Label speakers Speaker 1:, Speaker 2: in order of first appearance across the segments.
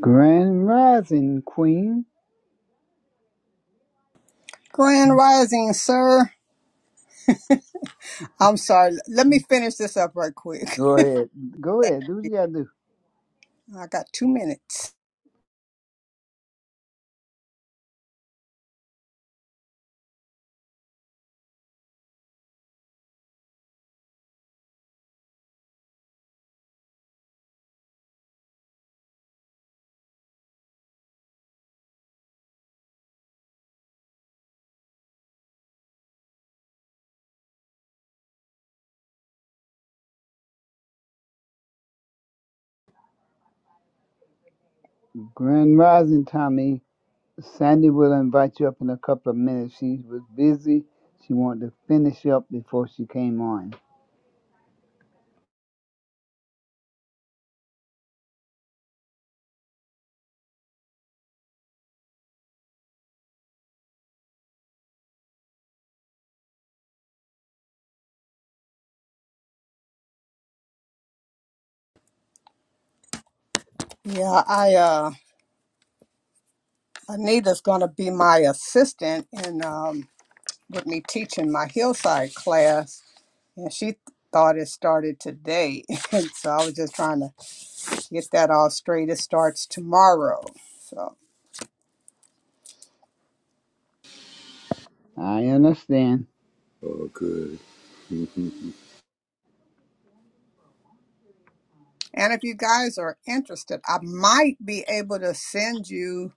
Speaker 1: Grand Rising Queen.
Speaker 2: Grand Rising, sir. I'm sorry. Let me finish this up right quick.
Speaker 1: Go ahead. Go ahead. Do what you gotta do.
Speaker 2: I got two minutes.
Speaker 1: Grand Rising Tommy. Sandy will invite you up in a couple of minutes. She was busy. She wanted to finish up before she came on.
Speaker 2: Yeah, I uh Anita's gonna be my assistant in um with me teaching my hillside class and she thought it started today. And so I was just trying to get that all straight. It starts tomorrow. So
Speaker 1: I understand.
Speaker 3: Oh, good.
Speaker 2: and if you guys are interested, I might be able to send you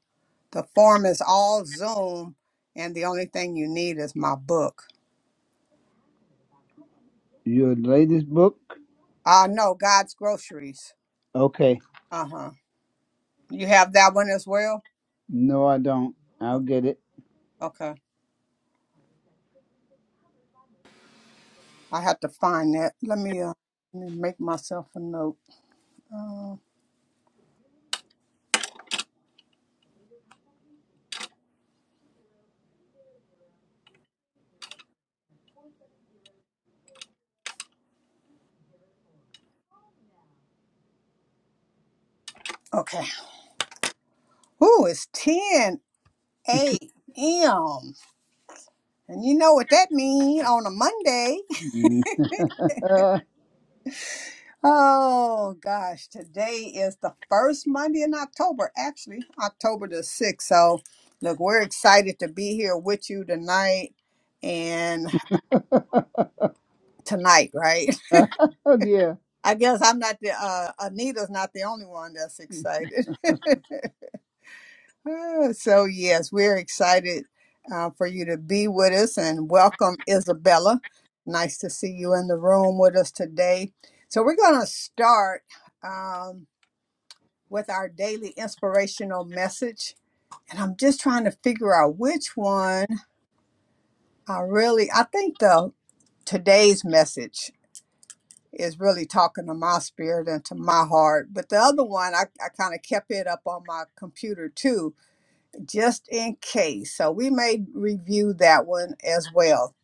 Speaker 2: the form is all Zoom and the only thing you need is my book.
Speaker 1: Your latest book?
Speaker 2: Uh no, God's groceries.
Speaker 1: Okay.
Speaker 2: Uh-huh. You have that one as well?
Speaker 1: No, I don't. I'll
Speaker 2: Oh,
Speaker 1: get it.
Speaker 2: okay. I have to find that. Let me uh let me make myself a note. Uh, okay. Ooh, it's 10 a.m. And you know what that means on a Monday.
Speaker 1: Mm.
Speaker 2: oh gosh, today is the first Monday in October, actually, October the 6th. So look, we're excited to be here with you tonight and tonight, right?
Speaker 1: oh dear.
Speaker 2: I guess I'm not the uh, Anita's not the only one that's excited. Uh, so yes, we're excited uh, for you to be with us and welcome Isabella. Nice to see you in the room with us today. So we're going to start um, with our daily inspirational message, and I'm just trying to figure out which one I really. I think the today's message is really talking to my spirit and to my heart. But the other one, I, I kind of kept it up on my computer too, just in case. So we may review that one as well.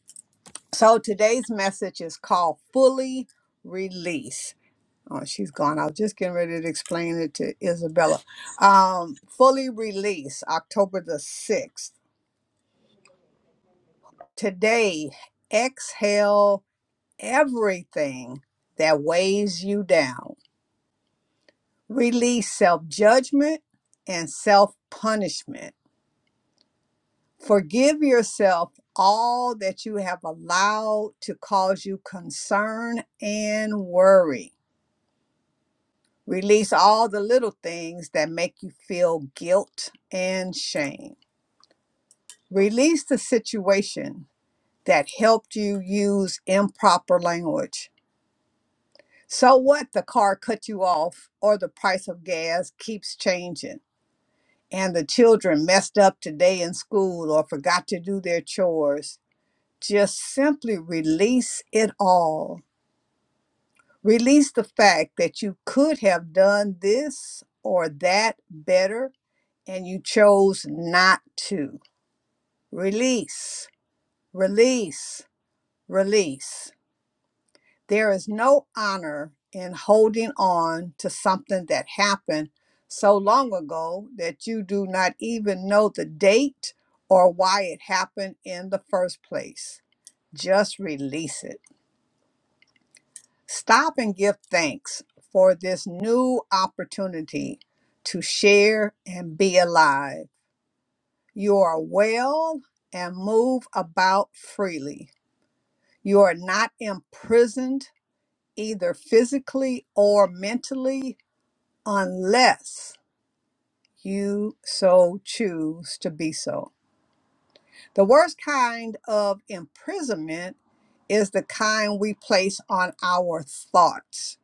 Speaker 2: So today's message is called Fully Release. Oh, she's gone. I was just getting ready to explain it to Isabella. Um, fully release, October the 6th. Today, exhale everything that weighs you down Release self judgment and self punishment. Forgive yourself all that you have allowed to cause you concern and worry. Release all the little things that make you feel guilt and shame. Release the situation that helped you use improper language. So what the car cut you off or the price of gas keeps changing? and the children messed up today in school or forgot to do their chores, just simply release it all. Release the fact that you could have done this or that better and you chose not to. Release, release, release. There is no honor in holding on to something that happened so long ago that you do not even know the date or why it happened in the first place. Just release it. Stop and give thanks for this new opportunity to share and be alive. You are well and move about freely. You are not imprisoned either physically or mentally unless you so choose to be so. The worst kind of imprisonment is the kind we place on our thoughts.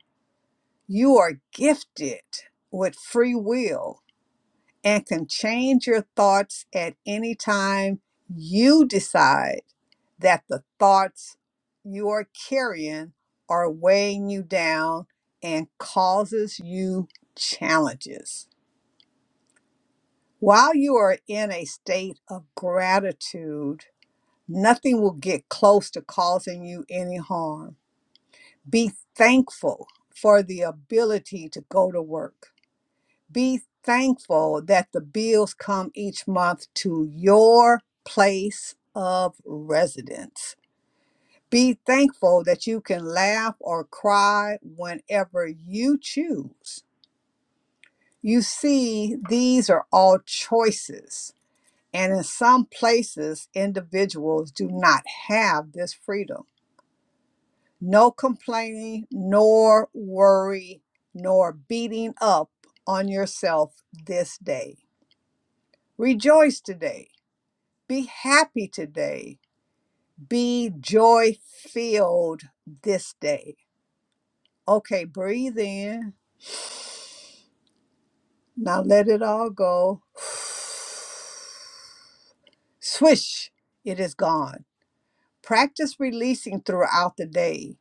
Speaker 2: You are gifted with free will and can change your thoughts at any time you decide that the thoughts you are carrying are weighing you down and causes you challenges. While you are in a state of gratitude, nothing will get close to causing you any harm. Be thankful for the ability to go to work Be thankful that the bills come each month to your place of residence. Be thankful that you can laugh or cry whenever you choose. You see, these are all choices. And in some places, individuals do not have this freedom. No complaining, nor worry, nor beating up on yourself this day. Rejoice today Be happy today. Be joy filled this day. Okay, breathe in. Now let it all go. Swish, it is gone. Practice releasing throughout the day.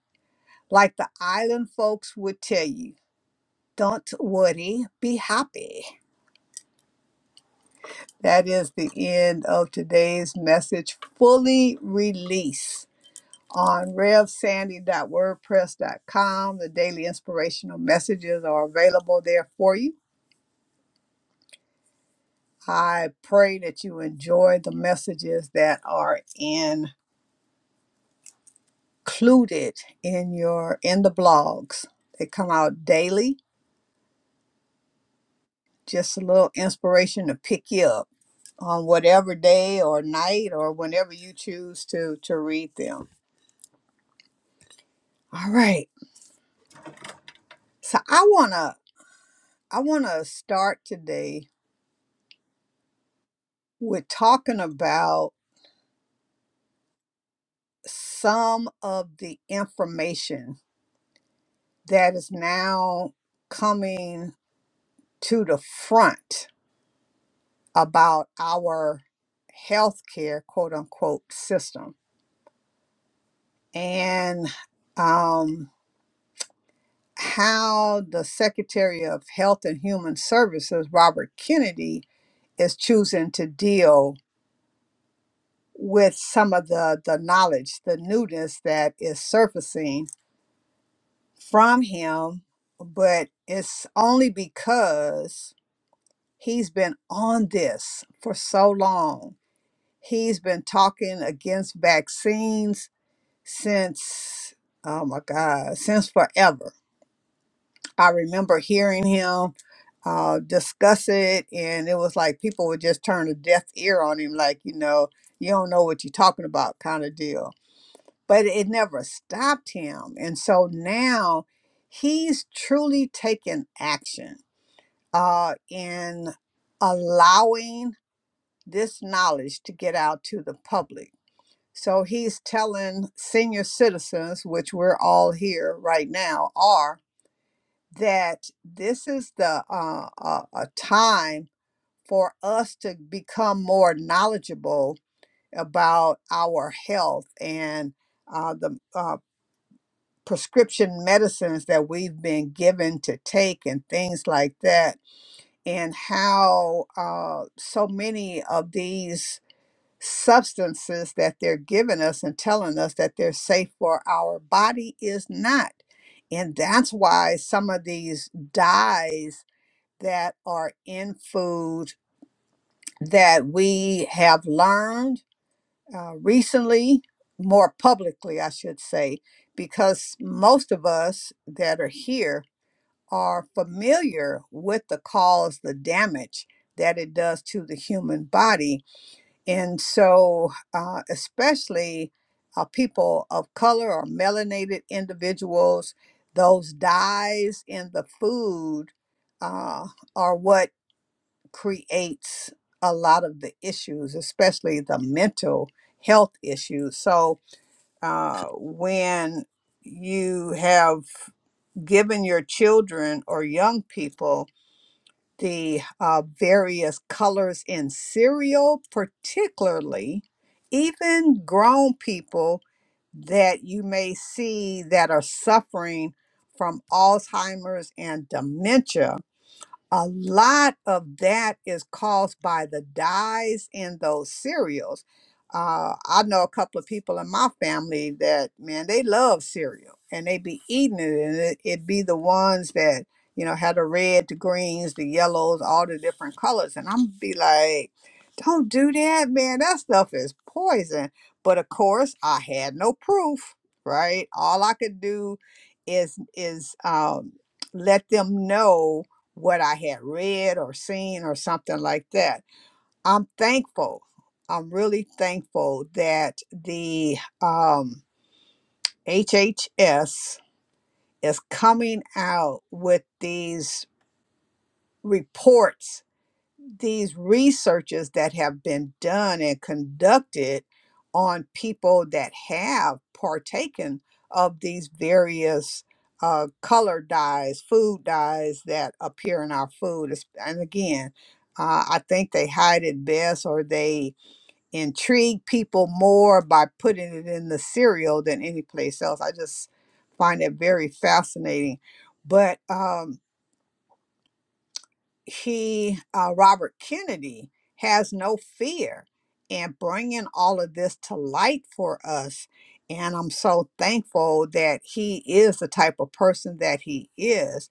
Speaker 2: Like the island folks would tell you, don't worry, be happy. That is the end of today's message. Fully release. on revsandy.wordpress.com. The daily inspirational messages are available there for you. I pray that you enjoy the messages that are included in your in the blogs. They come out daily, just a little inspiration to pick you up on whatever day or night or whenever you choose to to read them. All right. So I want to I want to start today with talking about some of the information that is now coming to the front about our healthcare quote unquote system and um, how the Secretary of Health and Human Services, Robert Kennedy, is choosing to deal with some of the, the knowledge, the newness that is surfacing from him but it's only because He's been on this for so long. He's been talking against vaccines since, oh my God, since forever. I remember hearing him uh, discuss it, and it was like people would just turn a deaf ear on him, like, you know, you don't know what you're talking about kind of deal. But it never stopped him. And so now he's truly taken action uh, in allowing this knowledge to get out to the public. So he's telling senior citizens, which we're all here right now, are that this is the uh, uh, a time for us to become more knowledgeable about our health and uh, the uh, prescription medicines that we've been given to take and things like that, and how uh, so many of these substances that they're giving us and telling us that they're safe for our body is not. And that's why some of these dyes that are in food that we have learned uh, recently, more publicly, I should say, because most of us that are here are familiar with the cause, the damage that it does to the human body and so, uh, especially uh, people of color or melanated individuals, those dyes in the food uh, are what creates a lot of the issues, especially the mental health issues. So, uh, when you have given your children or young people the uh, various colors in cereal, particularly, even grown people that you may see that are suffering from Alzheimer's and dementia a lot of that is caused by the dyes in those cereals. Uh, I know a couple of people in my family that, man, they love cereal and they be eating it, and it, it be the ones that, you know, had the red, the greens, the yellows, all the different colors. And I'm be like, don't do that, man. That stuff is poison. But of course, I had no proof, right? All I could do is is um, let them know what I had read or seen or something like that. I'm thankful. I'm really thankful that the um, HHS is coming out with these reports these researches that have been done and conducted on people that have partaken of these various uh, color dyes, food dyes that appear in our food. It's- And again, uh, I think they hide it best or they intrigue people more by putting it in the cereal than any place else. I just find it very fascinating. But um, he uh, robert kennedy has no fear in bringing all of this to light for us and i'm so thankful that he is the type of person that he is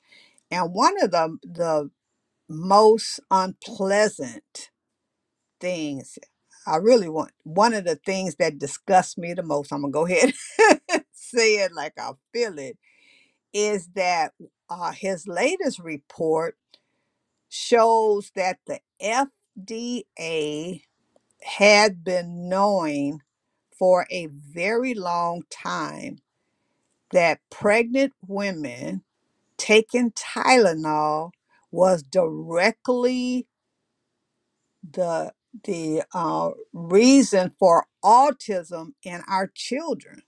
Speaker 2: and one of the the most unpleasant things i really want one of the things that disgusts me the most i'm gonna go ahead and say it like i feel it is that uh, his latest report shows that the FDA had been knowing for a very long time that pregnant women taking Tylenol was directly the the uh, reason for autism in our children.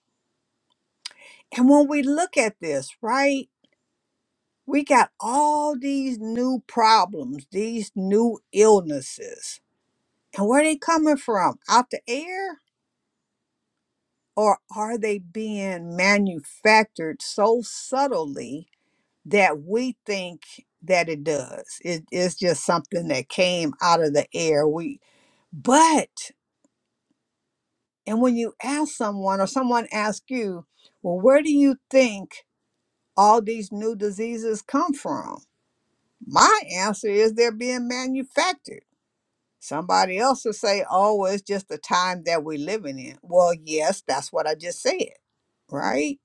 Speaker 2: And when we look at this, right, we got all these new problems, these new illnesses And where are they coming from? Out the air? Or are they being manufactured so subtly that we think that it does? It, it's just something that came out of the air. We but and when you ask someone or someone asks you, well, where do you think all these new diseases come from? My answer is they're being manufactured. Somebody else will say, oh, it's just the time that we're living in. Well, yes, that's what I just said right?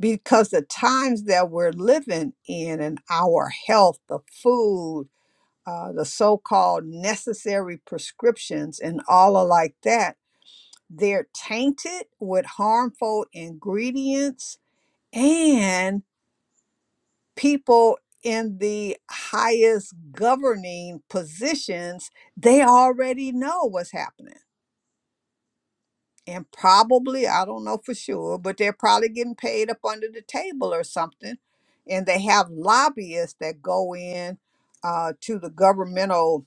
Speaker 2: Because the times that we're living in and our health, the food, uh, the so called necessary prescriptions, and all of like that, they're tainted with harmful ingredients and people in the highest governing positions they already know what's happening and probably I don't know for sure, but they're probably getting paid up under the table or something. And they have lobbyists that go in uh, to the governmental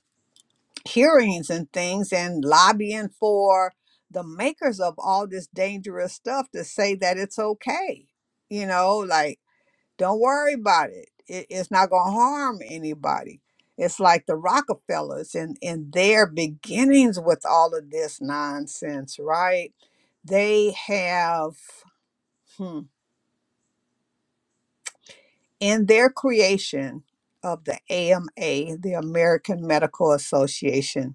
Speaker 2: hearings and things and lobbying for the makers of all this dangerous stuff to say that it's okay. You know, like don't worry about it. it it's not going to harm anybody. It's like the Rockefellers and in their beginnings with all of this nonsense, right? They have hmm, in their creation of the AMA, the American Medical Association.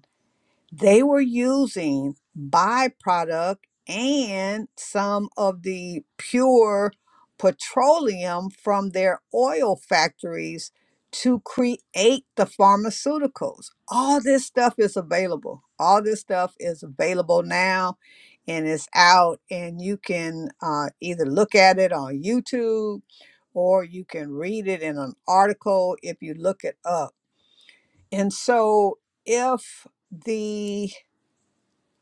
Speaker 2: they were using byproduct and some of the pure petroleum from their oil factories to create the pharmaceuticals. All this stuff is available. All this stuff is available now and it's out, and you can uh, either look at it on YouTube or you can read it in an article if you look it up. And so if the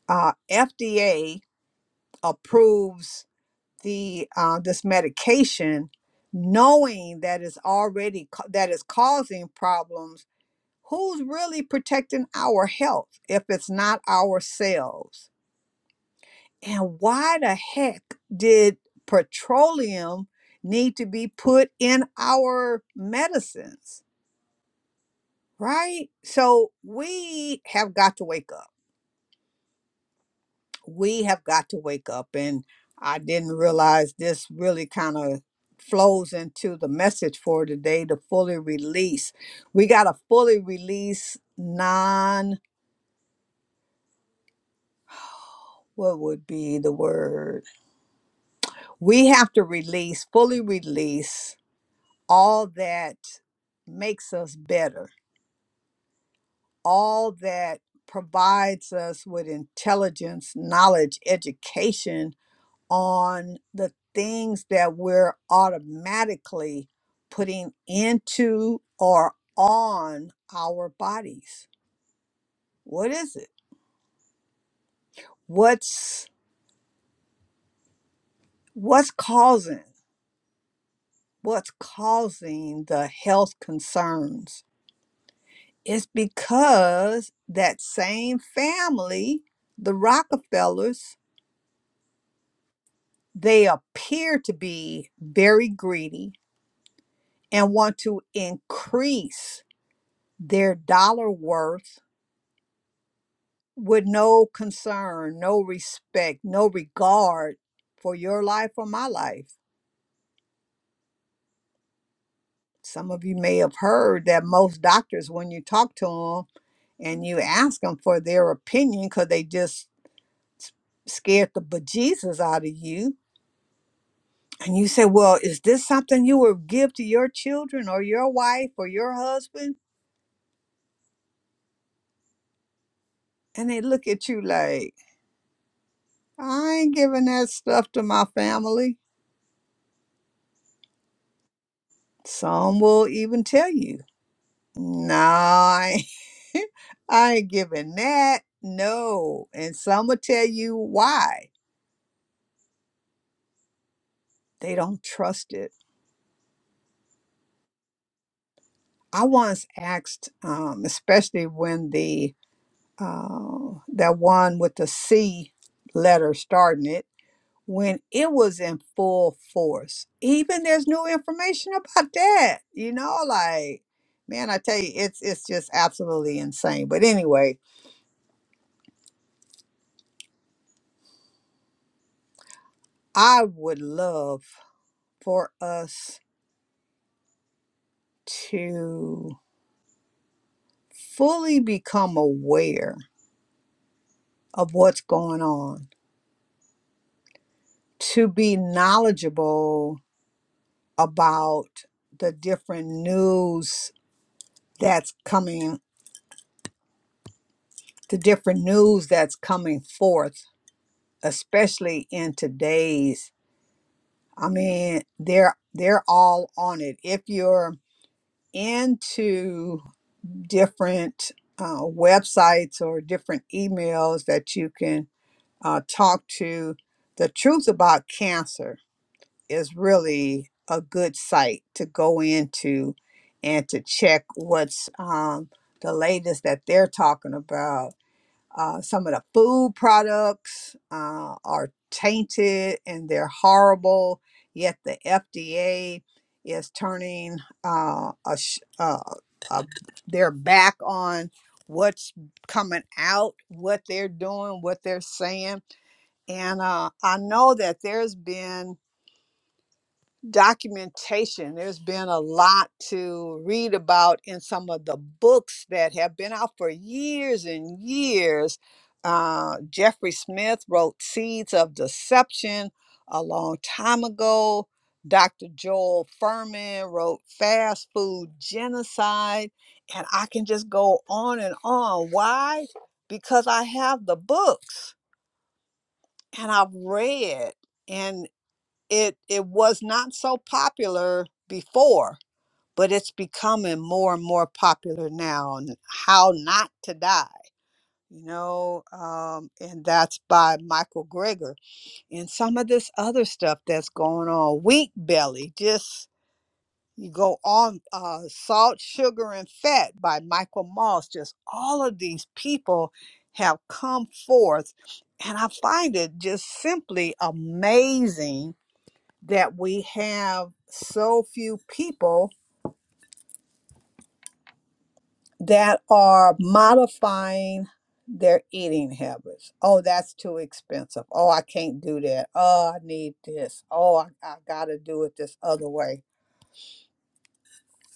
Speaker 2: uh, FDA approves the uh, this medication, knowing that it's already ca- that is causing problems. Who's really protecting our health if it's not ourselves? And why the heck did petroleum need to be put in our medicines? Right? So we have got to wake up we have got to wake up. And I didn't realize this really kind of flows into the message for today to fully release. We got to fully release non, what would be the word? We have to release, fully release all that makes us better, all that provides us with intelligence, knowledge, education on the things that we're automatically putting into or on our bodies. What is it? What's what's causing what's causing the health concerns? It's because that same family, the Rockefellers, they appear to be very greedy and want to increase their dollar worth with no concern, no respect, no regard for your life or my life. Some of you may have heard that most doctors, when you talk to them and you ask them for their opinion, because they just scared the bejesus out of you, and you say, Well, is this something you would give to your children or your wife or your husband? And they look at you like, I ain't giving that stuff to my family. Some will even tell you, No, I." I ain't giving that. No. And some will tell you why they don't trust it. I once asked, um, especially when the uh, that one with the C letter starting it, when it was in full force, even there's new information about that, you know, like, man, I tell you, it's, it's just absolutely insane. But anyway, I would love for us to. fully become aware of what's going on, to be knowledgeable about the different news that's coming, the different news that's coming forth, especially in today's. I mean, they're they're all on it. If you're into different uh, websites or different emails that you can uh, talk to, the truth about cancer is really a good site to go into and to check what's um, the latest that they're talking about. Uh, some of the food products uh, are tainted and they're horrible, yet the FDA is turning uh, a, sh- uh, a, their back on what's coming out, what they're doing, what they're saying. And uh, I know that there's been documentation. There's been a lot to read about in some of the books that have been out for years and years. Uh, Jeffrey Smith wrote Seeds of Deception a long time ago. Dr. Joel Furman wrote Fast Food Genocide. And I can just go on and on. Why? Because I have the books and I've read it it was not so popular before but it's becoming more and more popular now and how not to die you know um, and that's by michael greger and some of this other stuff that's going on wheat belly just you go on uh, salt sugar and fat by michael moss just all of these people have come forth and i find it just simply amazing that we have so few people that are modifying their eating habits. Oh, that's too expensive. Oh, I can't do that. Oh, I need this. Oh, I, I got to do it this other way.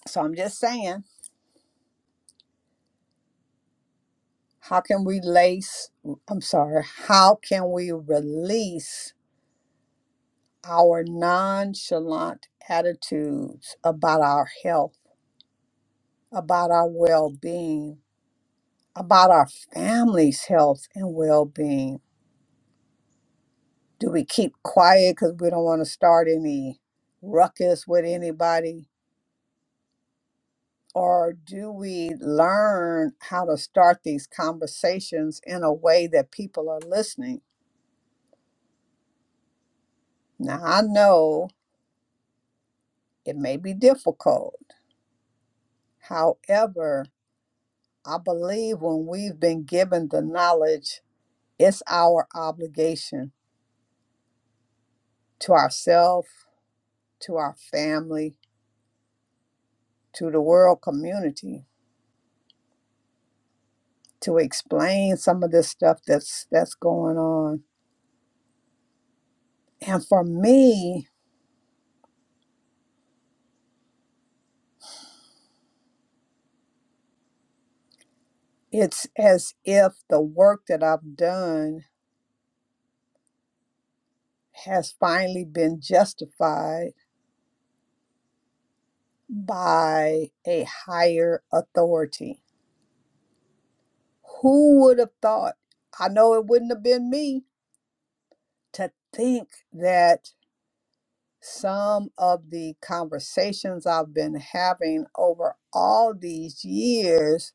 Speaker 2: So I'm just saying, how can we lace, I'm sorry, how can we release our nonchalant attitudes about our health, about our well being, about our family's health and well being? Do we keep quiet because we don't want to start any ruckus with anybody? Or do we learn how to start these conversations in a way that people are listening? Now, I know it may be difficult. However, I believe when we've been given the knowledge, it's our obligation to ourselves, to our family, to the world community to explain some of this stuff that's that's going on And for me, it's as if the work that I've done has finally been justified by a higher authority. Who would have thought? I know it wouldn't have been me to think that some of the conversations I've been having over all these years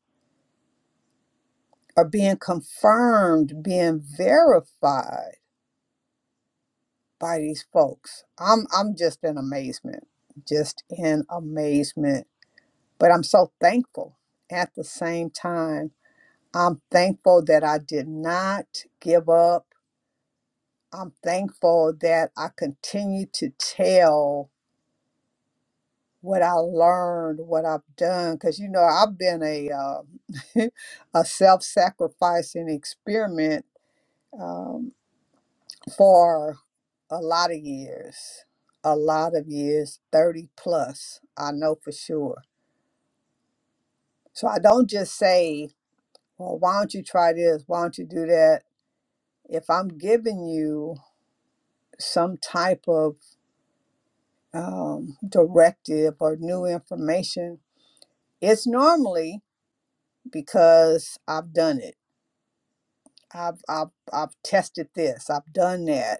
Speaker 2: are being confirmed, being verified by these folks. I'm I'm just in amazement, just in amazement. But I'm so thankful at the same time. I'm thankful that I did not give up. I'm thankful that I continue to tell what I learned, what I've done, because you know I've been a uh, a self-sacrificing experiment. Um, for a lot of years, a lot of years, 30 plus, I know for sure. So I don't just say, well, why don't you try this? Why don't you do that? If I'm giving you some type of um, directive or new information, it's normally because I've done it. I've, I've, I've tested this, I've done that.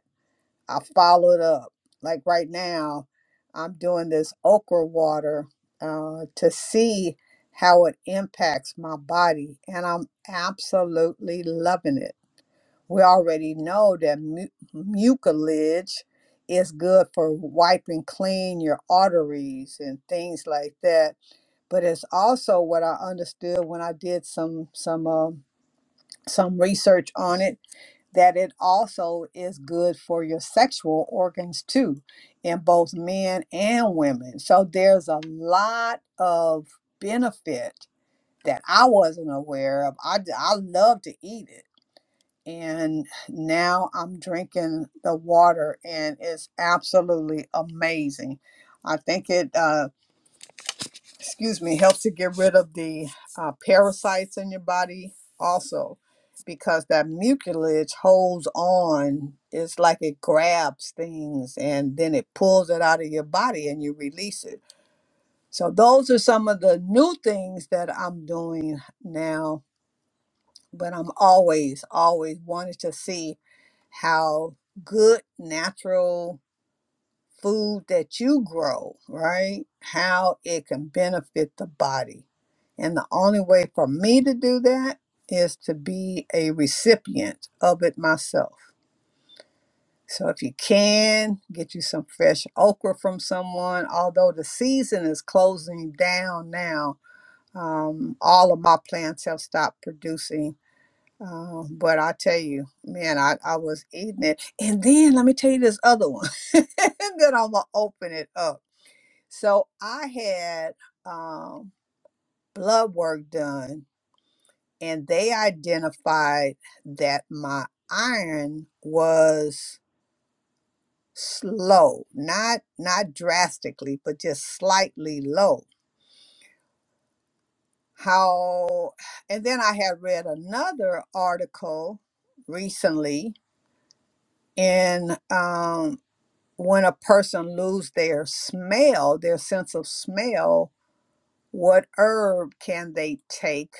Speaker 2: I followed up. Like right now, I'm doing this okra water uh, to see how it impacts my body, and I'm absolutely loving it. We already know that mu- mucilage is good for wiping clean your arteries and things like that. But it's also what I understood when I did some some um some research on it that it also is good for your sexual organs too, in both men and women. So there's a lot of benefit that I wasn't aware of. I I love to eat it. And now I'm drinking the water, and it's absolutely amazing. I think it. uh, excuse me, helps to get rid of the uh, parasites in your body also because that mucilage holds on. It's like it grabs things and then it pulls it out of your body and you release it. So those are some of the new things that I'm doing now, but I'm always, always wanted to see how good natural food that you grow, right? How it can benefit the body. And the only way for me to do that is to be a recipient of it myself. So if you can, get you some fresh okra from someone, although the season is closing down now. Um, all of my plants have stopped producing. Uh, but I tell you, man, I, I was eating it. And then let me tell you this other one. and then I'm going to open it up so I had um, blood work done, and they identified that my iron was slow, not not drastically, but just slightly low. How? And then I had read another article recently in um, when a person lose their smell, their sense of smell. What herb can they take?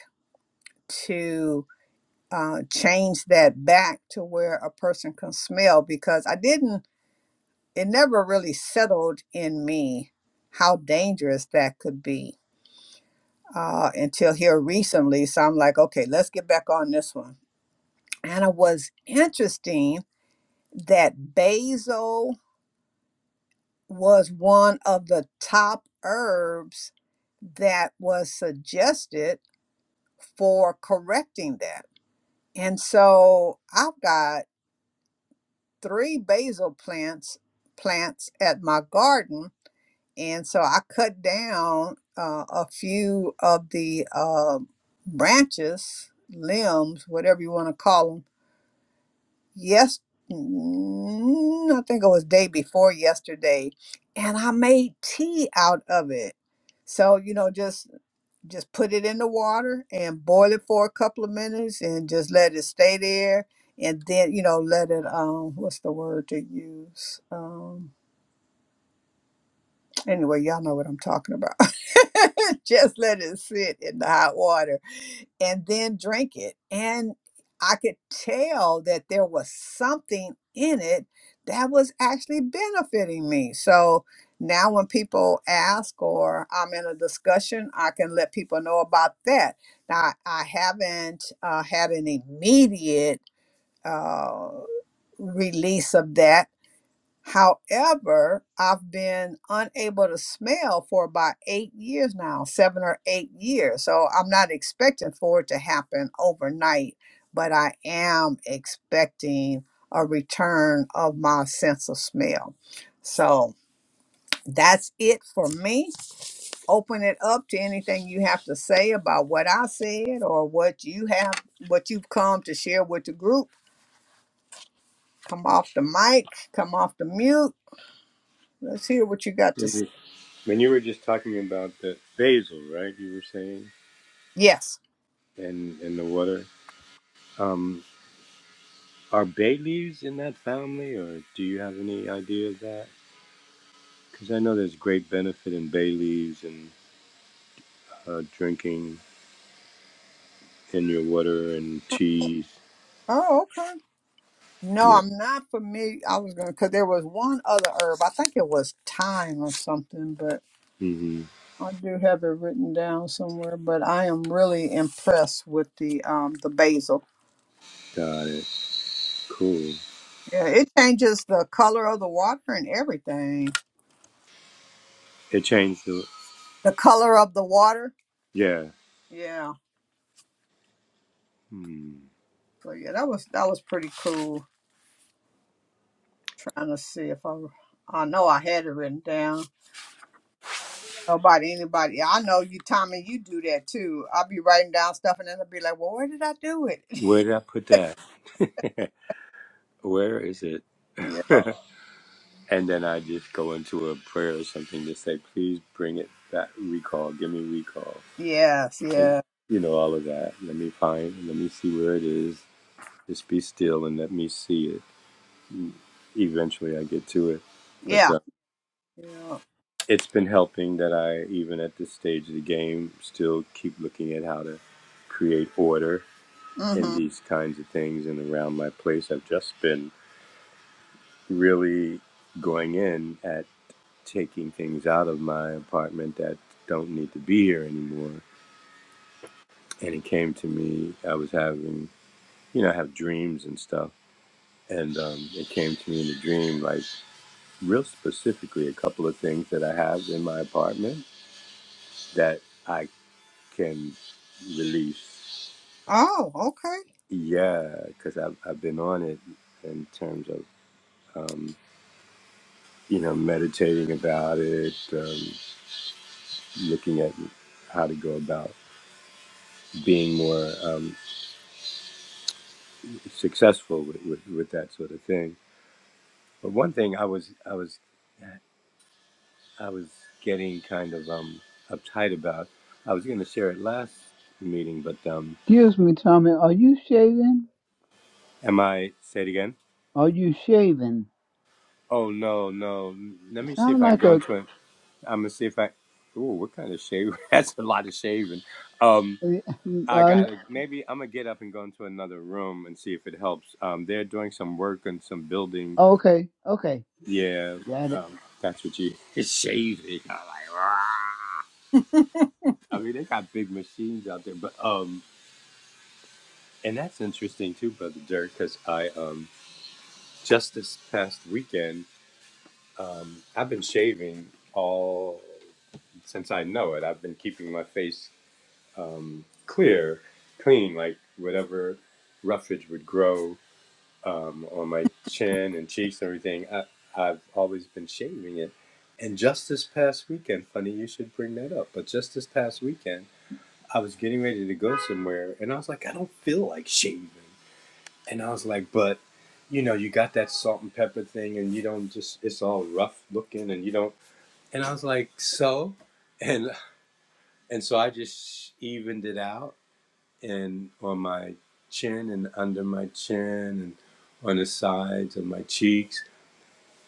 Speaker 2: to uh, change that back to where a person can smell because I didn't, it never really settled in me how dangerous that could be uh, until here recently. So I'm like, okay, let's get back on this one. And it was interesting that basil was one of the top herbs that was suggested for correcting that. And so I've got three basil plants plants at my garden, and so I cut down uh, a few of the uh, branches, limbs, whatever you want to call them. Yes, mm, I think it was day before yesterday, and I made tea out of it. So you know, just just put it in the water and boil it for a couple of minutes and just let it stay there and then you know let it um what's the word to use um anyway y'all know what i'm talking about just let it sit in the hot water and then drink it. And I could tell that there was something in it that was actually benefiting me. So now when people ask or I'm in a discussion, I can let people know about that. Now, I haven't uh, had an immediate uh, release of that However, I've been unable to smell for about eight years now, seven or eight years. So I'm not expecting for it to happen overnight, but I am expecting a return of my sense of smell. So that's it for me. Open it up to anything you have to say about what I said or what you have, what you've come to share with the group. Come off the mic, come off the mute. Let's hear what you got to say.
Speaker 3: Mhm. When you were just talking about the basil, right? You were saying,
Speaker 2: Yes.
Speaker 3: and and the water. Um, are bay leaves in that family, or do you have any idea of that? Because I know there's great benefit in bay leaves and uh, drinking in your water and teas.
Speaker 2: Oh, okay. No,
Speaker 3: Yeah.
Speaker 2: I'm not familiar. I was gonna because there was one other herb. I think it was thyme or something, but
Speaker 3: Mm-hmm.
Speaker 2: I do have it written down somewhere. But I am really impressed with the um the basil.
Speaker 3: Got it. Cool.
Speaker 2: Yeah, it changes the color of the water and everything.
Speaker 3: It changed the.
Speaker 2: The color of the water.
Speaker 3: Yeah.
Speaker 2: Yeah.
Speaker 3: Hmm.
Speaker 2: So yeah, that was that was pretty cool. Trying to see if I I know I had it written down. Nobody, anybody. I know you, Tommy. You do that too. I'll be writing down stuff, and then I'll be like, "Well, where did I do it?"
Speaker 3: Where did I put that? Where is it?
Speaker 2: Yeah.
Speaker 3: And then I just go into a prayer or something to say, please bring it back, recall, give me recall.
Speaker 2: Yes.
Speaker 3: And,
Speaker 2: Yeah.
Speaker 3: you know, all of that. Let me find, let me see where it is. Just be still and let me see it. Eventually I get to it. But
Speaker 2: Yeah.
Speaker 3: uh,
Speaker 2: Yeah.
Speaker 3: it's been helping that I, even at this stage of the game, still keep looking at how to create order in
Speaker 2: Mm-hmm.
Speaker 3: these kinds of things and around my place. I've just been really going in at. taking things out of my apartment that don't need to be here anymore. And it came to me, I was having, you know, I have dreams and stuff. And um, it came to me in a dream, like real specifically, a couple of things that I have in my apartment that I can release.
Speaker 2: Oh, okay.
Speaker 3: Yeah, because I've, I've been on it in terms of, um, you know, meditating about it, um, looking at how to go about being more. um, successful with, with, with that sort of thing. But one thing I was I was I was getting kind of um, uptight about. I was going to share it last meeting, but um,
Speaker 1: Excuse me, Tommy. Are you shaving?
Speaker 3: am I say it again?
Speaker 1: Are you shaving?
Speaker 3: Oh no no! Let me see if
Speaker 1: Sound
Speaker 3: I can
Speaker 1: like
Speaker 3: go
Speaker 1: a.
Speaker 3: into it. I'm gonna see if I. Ooh, what kind of shave? That's a lot of shaving. Um, I gotta maybe I'm gonna get up and go into another room and see if it helps. Um, they're doing some work on some building.
Speaker 1: Uh, okay. Okay.
Speaker 3: Yeah,
Speaker 1: Got it.
Speaker 3: um, that's what you shaving. I'm like, I mean, they got big machines out there, but um, and that's interesting too, brother Dirk, because I um, just this past weekend, um, I've been shaving all since I know it. I've been keeping my face um clear, clean, like whatever roughage would grow um on my chin and cheeks and everything. I, I've always been shaving it, and just this past weekend, funny you should bring that up, but just this past weekend. I was getting ready to go somewhere, and I was like, I don't feel like shaving. And I was like, but you know, you got that salt and pepper thing, and you don't just, it's all rough looking, and you don't. And I was like, so? And, and so I just evened it out and on my chin and under my chin and on the sides of my cheeks.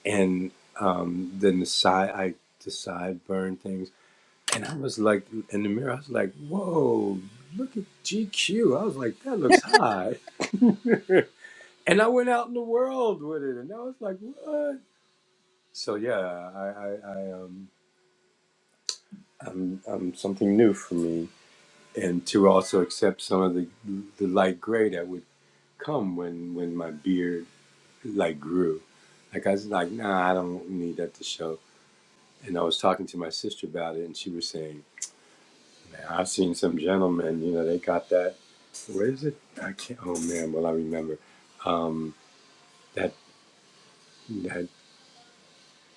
Speaker 3: And um, then the side, I, the sideburn things. And I was like, in the mirror, I was like, whoa, look at GQ. I was like, that looks high. and I went out in the world with it, and I was like, what? So yeah, I, I, I um, I'm, I'm something new for me, and to also accept some of the the light gray that would come when when my beard like grew. Like I was like, nah, I don't need that to show. And I was talking to my sister about it, and she was saying. I've seen some gentlemen, you know, they got that. Where is it? I can't. Oh man, well I remember. Um, that that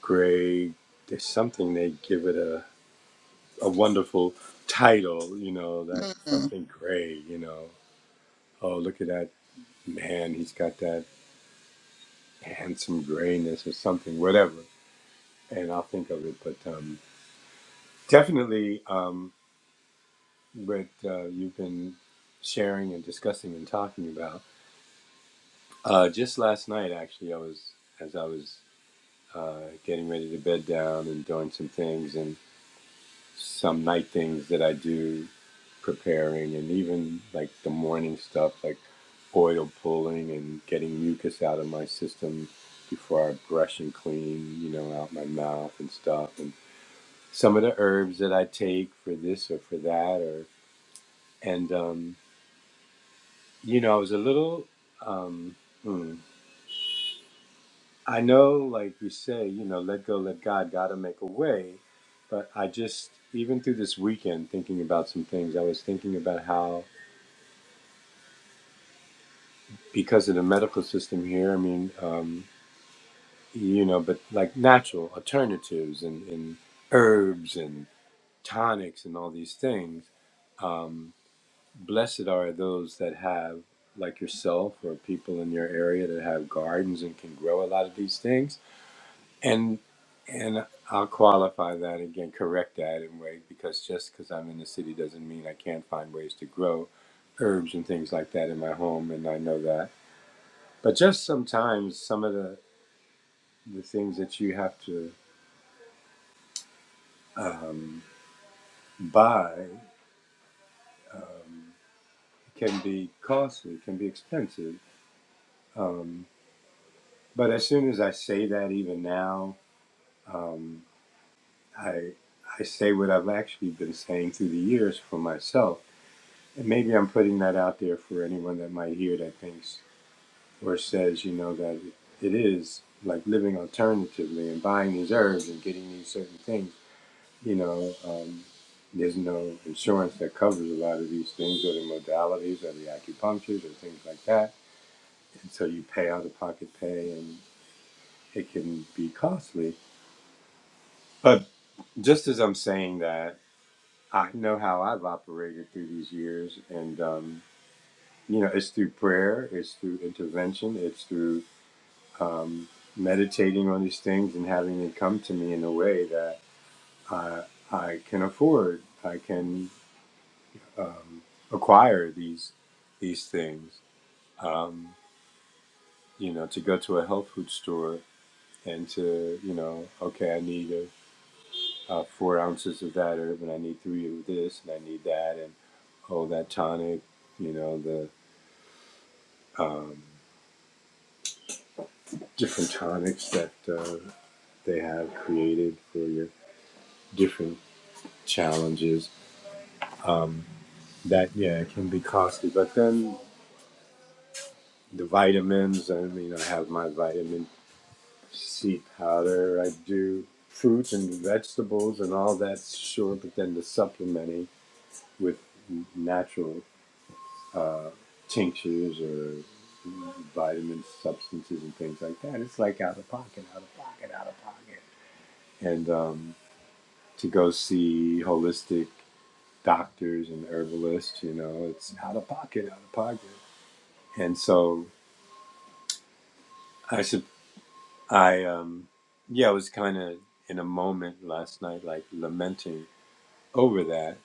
Speaker 3: gray. There's something they give it a a wonderful title. You know that
Speaker 2: Mm-hmm.
Speaker 3: something gray. You know. Oh look at that man. He's got that handsome grayness or something. Whatever. And I'll think of it. But um, definitely, um, what uh, you've been sharing and discussing and talking about. Uh, just last night, actually, I was as I was uh, getting ready to bed down and doing some things and some night things that I do, preparing and even like the morning stuff, like oil pulling and getting mucus out of my system before I brush and clean, you know, out my mouth and stuff, and some of the herbs that I take for this or for that, or and um, you know, I was a little. Um, hmm, I know, like you say, you know, let go, let God, God to make a way. But I just, even through this weekend, thinking about some things, I was thinking about how, because of the medical system here, I mean, um, you know, but like natural alternatives and, and herbs and tonics and all these things, um, blessed are those that have, like yourself or people in your area that have gardens and can grow a lot of these things And and I'll qualify that again, correct that in a way, because just because I'm in the city doesn't mean I can't find ways to grow herbs and things like that in my home, and I know that. But just sometimes some of the the things that you have to um, buy um, can be costly, can be expensive. Um, but as soon as I say that, even now, um, I I say what I've actually been saying through the years for myself And maybe I'm putting that out there for anyone that might hear that thinks or says, you know, that it is like living alternatively and buying these herbs and getting these certain things. You know, um, there's no insurance that covers a lot of these things or the modalities or the acupunctures or things like that. And so you pay out of pocket pay and it can be costly. But just as I'm saying that, I know how I've operated through these years and, um, you know, it's through prayer, it's through intervention, it's through um, meditating on these things and having it come to me in a way that I, I can afford, I can um, acquire these these things. Um, you know, to go to a health food store and to, you know, okay, I need a, uh four ounces of that herb and I need three of this and I need that and oh, that tonic, you know, the um, different tonics that. Uh, they have created for your different challenges. Um, that yeah, it can be costly. But then the vitamins. I mean, I have my vitamin C powder. I do fruits and vegetables and all that. Sure, but then the supplementing with natural uh, tinctures or vitamin substances and things like that. It's like out of pocket, out of pocket, out of pocket. And um, to go see holistic doctors and herbalists. You know, it's out of pocket, out of pocket. And so I should, I, um, yeah, I was kind of in a moment last night, like lamenting over that.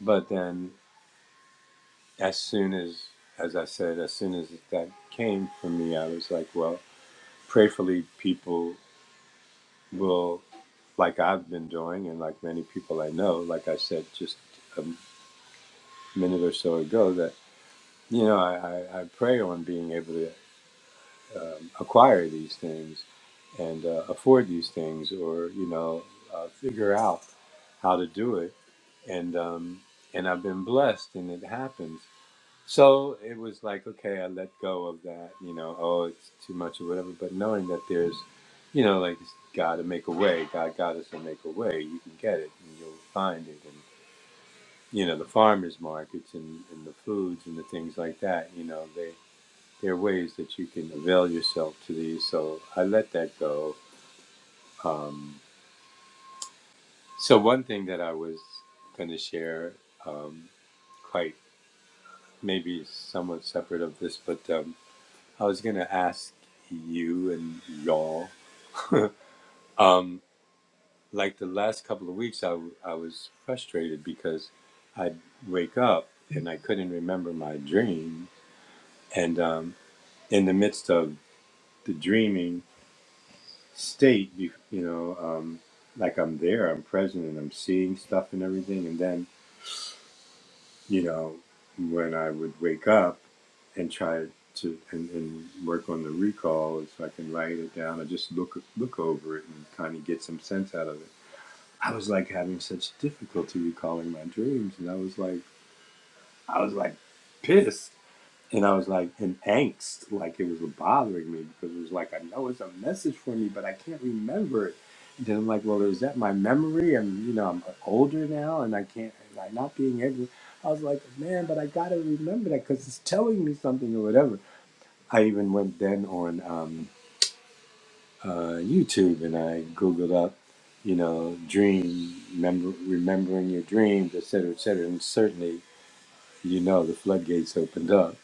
Speaker 3: But then, as soon as, as I said, as soon as that came from me, I was like, well, prayerfully, people will, like I've been doing, and like many people I know, like I said just a minute or so ago, that you know, I, I, I pray on being able to um, acquire these things and uh, afford these things or you know uh, figure out how to do it and um, and I've been blessed and it happens so it was like okay I let go of that you know oh it's too much or whatever but knowing that there's you know like God to make a way God got us to make a way you can get it and you'll find it and you know the farmers markets and, and the foods and the things like that you know there are ways that you can avail yourself to these. So I let that go. Um, so one thing that I was going to share, um, quite maybe somewhat separate of this, but um, I was going to ask you and y'all. um, like the last couple of weeks, I I was frustrated because I'd wake up and I couldn't remember my dream. And um, in the midst of the dreaming, state, you know, um, like I'm there, I'm present, and I'm seeing stuff and everything. And then, you know, when I would wake up and try to and, and work on the recall, if I can write it down or just look look over it and kind of get some sense out of it. I was like having such difficulty recalling my dreams, and I was like, I was like pissed And I was like in angst, like it was bothering me because it was like I know it's a message for me, but I can't remember it. And then I'm like, well, is that my memory? And you know, I'm older now, and I can't like not being able. I was like, man, but I gotta remember that because it's telling me something or whatever. I even went then on um, uh, YouTube and I googled up, you know, dream remember remembering your dreams, et cetera, et cetera. And certainly, you know, the floodgates opened up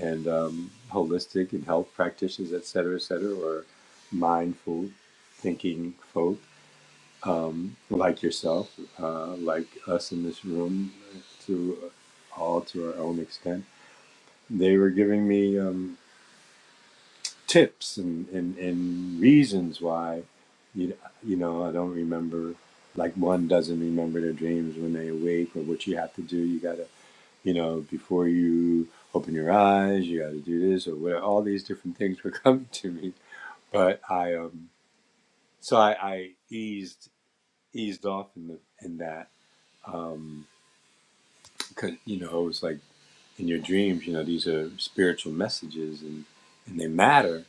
Speaker 3: and um, holistic and health practitioners, et cetera, et cetera, or mindful thinking folk um, like yourself, uh, like us in this room, to all to our own extent. They were giving me um, tips and, and, and reasons why, you, you know, I don't remember, like one doesn't remember their dreams when they awake or what you have to do. You got to you know, before you open your eyes, you got to do this or whatever. All these different things were coming to me, but I um, so I, I eased eased off in the in that um, because you know it was like in your dreams, you know, these are spiritual messages and and they matter.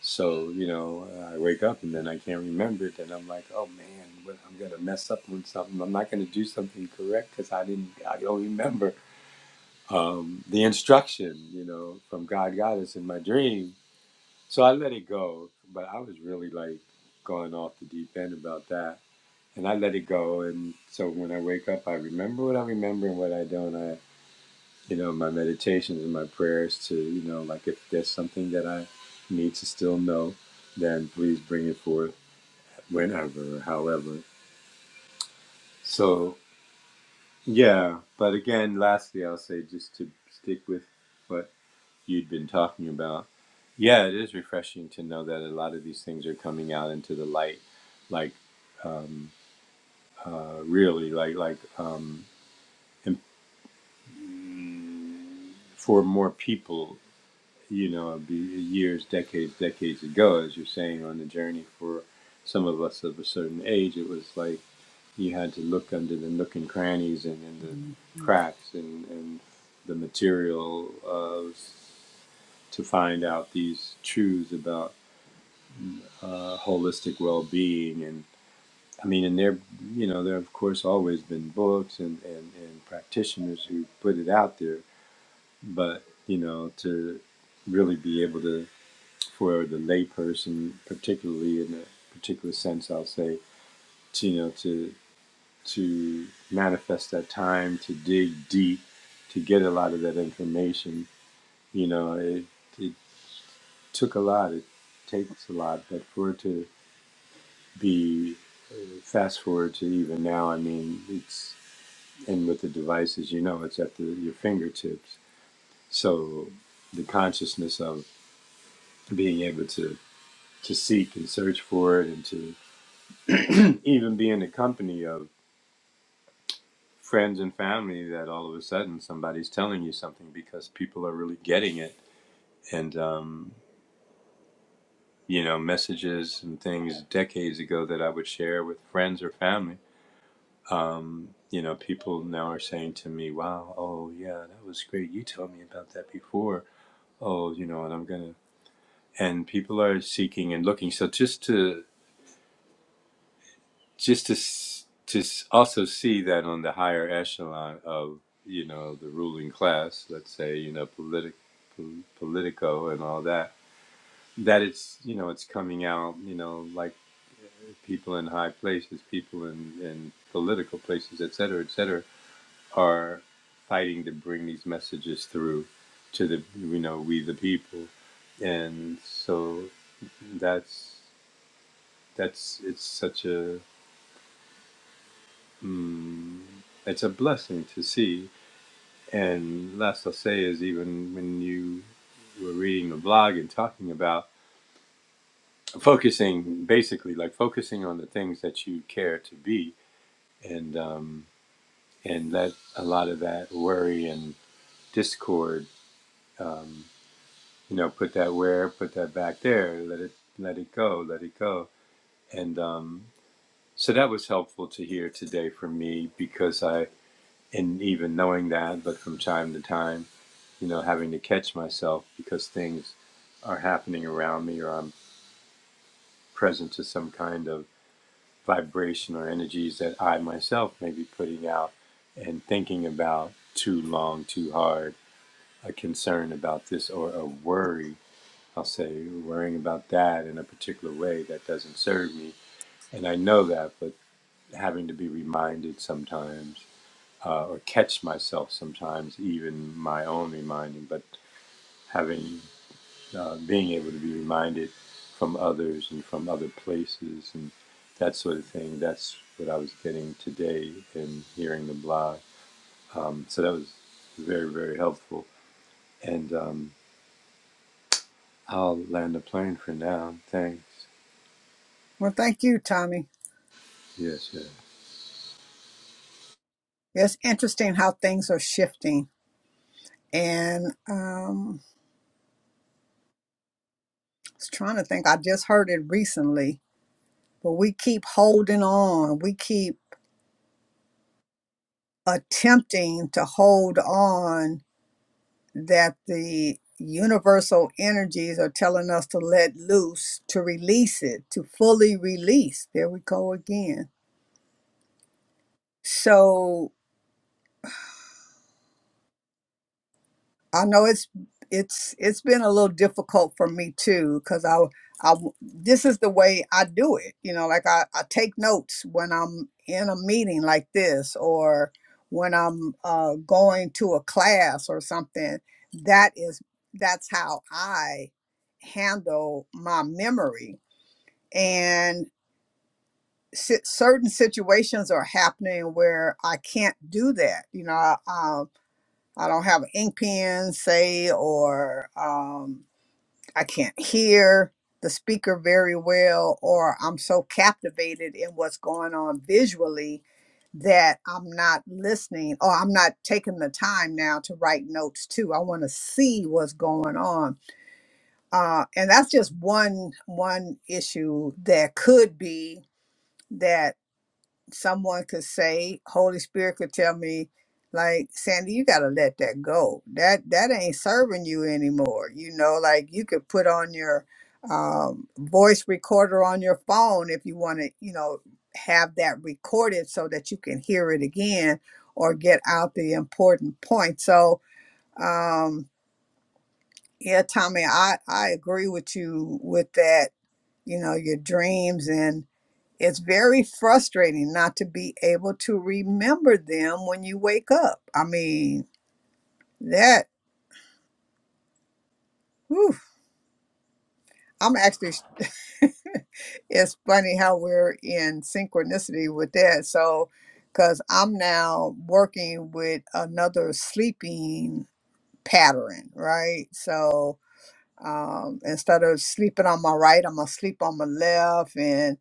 Speaker 3: So you know, I wake up and then I can't remember it, and I'm like, oh man, what, I'm gonna mess up on something. I'm not gonna do something correct because I didn't, I don't remember. um, the instruction, you know, from God Goddess in my dream. So I let it go, but I was really like going off the deep end about that. And I let it go. And so when I wake up, I remember what I remember and what I don't. I, you know, my meditations and my prayers to, you know, like if there's something that I need to still know, then please bring it forth whenever, however. So, yeah. But again, lastly, I'll say just to stick with what you'd been talking about. Yeah, it is refreshing to know that a lot of these things are coming out into the light, like um, uh, really, like like um, im- for more people. You know, it'd be years, decades, decades ago, as you're saying, on the journey for some of us of a certain age, it was like you had to look under the nook and crannies and in the
Speaker 2: Mhm.
Speaker 3: cracks and, and the material of to find out these truths about uh, holistic well-being and i mean and there you know there have, of course always been books and, and, and practitioners who put it out there but you know to really be able to for the layperson particularly in a particular sense i'll say to, you know to to manifest that time to dig deep to get a lot of that information you know it, it took a lot it takes a lot but for it to be uh, fast forward to even now. I mean, it's and with the devices, you know, it's at the, your fingertips. So the consciousness of being able to to seek and search for it, and to even be in the company of friends and family, that all of a sudden somebody's telling you something because people are really getting it, and um, you know, messages and things decades ago that I would share with friends or family um, you know, people now are saying to me, wow, oh, yeah, that was great. You told me about that before. Oh, you know, and I'm going to, and people are seeking and looking. So just to, just to, s- to s- also see that on the higher echelon of, you know, the ruling class, let's say, you know, politic, pol- politico and all that, that it's, you know, it's coming out, you know, like uh, people in high places, people in, in political places, et cetera, et cetera are fighting to bring these messages through to the you know we the people and so that's that's it's such a mm, it's a blessing to see and last i'll say is even when you were reading the blog and talking about focusing basically like focusing on the things that you care to be and um, and let a lot of that worry and discord um, you know put that where put that back there let it let it go let it go and um, so that was helpful to hear today for me because i and even knowing that but from time to time you know having to catch myself because things are happening around me or i'm present to some kind of vibration or energies that i myself may be putting out and thinking about too long too hard a concern about this or a worry I'll say, worrying about that in a particular way that doesn't serve me. And I know that, but having to be reminded sometimes uh, or catch myself sometimes, even my own reminding, but having uh, being able to be reminded from others and from other places and that sort of thing. That's what I was getting today in hearing the blog. Um, so that was very, very helpful. And um, I'll land the plane for now. Thanks.
Speaker 2: Well, thank you, Tommy.
Speaker 3: Yes, yes.
Speaker 2: It's interesting how things are shifting. And um, I was trying to think, I just heard it recently, but we keep holding on. We keep attempting to hold on that the universal energies are telling us to let loose, to release it, to fully release. There we go again. so I know it's it's it's been a little difficult for me too because I I this is the way I do it. You know, like I, I take notes when I'm in a meeting like this or when I'm uh, going to a class or something. That is that's how I handle my memory and. si- Certain situations are happening where I can't do that. You know, I, I don't have an ink pen, say, or um, I can't hear the speaker very well, or I'm so captivated in what's going on visually that I'm not listening, or I'm not taking the time now to write notes too. I want to see what's going on, uh, and that's just one one issue that could be. that someone could say holy spirit could tell me like sandy you got to let that go that that ain't serving you anymore you know like you could put on your um, voice recorder on your phone if you want to you know have that recorded so that you can hear it again or get out the important point so um yeah tommy i i agree with you with that you know your dreams and. It's very frustrating not to be able to remember them when you wake up. I mean, that, whew, I'm actually, it's funny how we're in synchronicity with that. So, because I'm now working with another sleeping pattern, right? So, um, instead of sleeping on my right, I'm gonna sleep on my left, and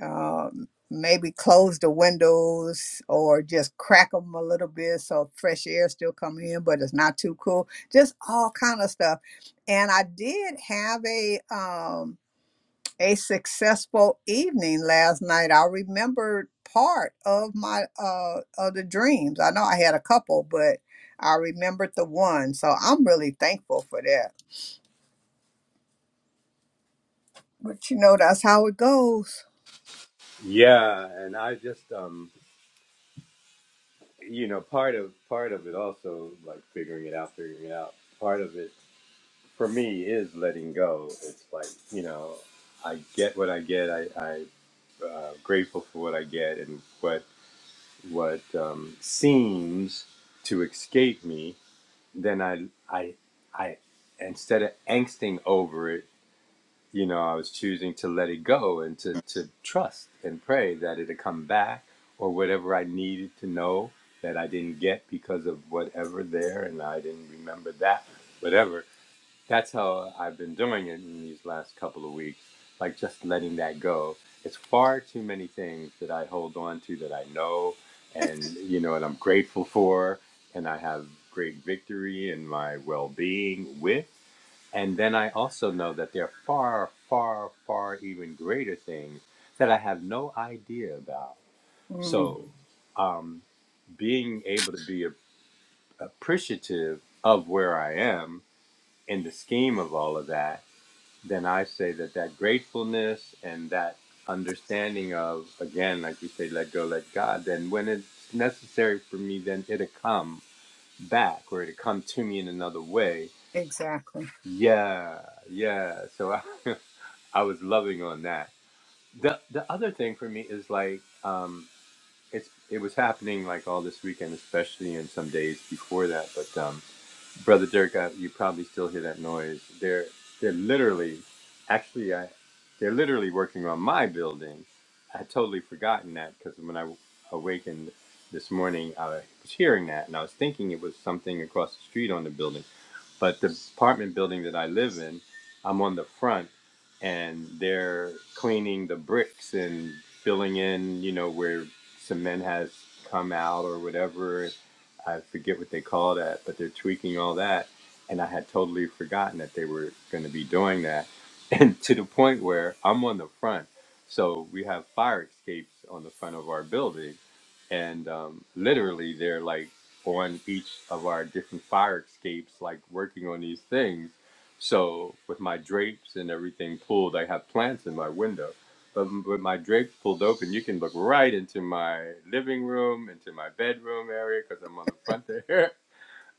Speaker 2: um, maybe close the windows or just crack them a little bit so fresh air still come in, but it's not too cool. Just all kind of stuff. And I did have a um, a successful evening last night. I remembered part of my uh, of the dreams. I know I had a couple, but I remembered the one. So I'm really thankful for that. But you know, that's how it goes.
Speaker 3: Yeah, and I just um you know, part of part of it also like figuring it out, figuring it out. Part of it for me is letting go. It's like, you know, I get what I get. I I uh, grateful for what I get and what what um seems to escape me, then I I I instead of angsting over it you know, I was choosing to let it go and to, to trust and pray that it'd come back or whatever I needed to know that I didn't get because of whatever there and I didn't remember that, whatever. That's how I've been doing it in these last couple of weeks, like just letting that go. It's far too many things that I hold on to that I know and, you know, and I'm grateful for and I have great victory in my well being with and then I also know that there are far, far, far even greater things that I have no idea about.
Speaker 2: Mm,
Speaker 3: So, um, being able to be a- appreciative of where I am in the scheme of all of that, then I say that that gratefulness and that understanding of, again, like you say, let go, let God, then when it's necessary for me, then it'll come back or it'll come to me in another way.
Speaker 2: exactly.
Speaker 3: Yeah, yeah. So I, I was loving on that. The the other thing for me is like um it's it was happening like all this weekend, especially and some days before that. But um Brother Dirk, uh, you probably still hear that noise. They're they're literally actually I they're literally working on my building. I had totally forgotten that because when I w- awakened this morning, I was hearing that and I was thinking it was something across the street on the building. But the apartment building that I live in, I'm on the front and they're cleaning the bricks and filling in, you know, where cement has come out or whatever. I forget what they call that, but they're tweaking all that. And I had totally forgotten that they were going to be doing that. And to the point where I'm on the front. So we have fire escapes on the front of our building. And um, literally, they're like, on each of our different fire escapes, like working on these things. So with my drapes and everything pulled, I have plants in my window. But with my drapes pulled open, you can look right into my living room, into my bedroom area, because I'm on the front there.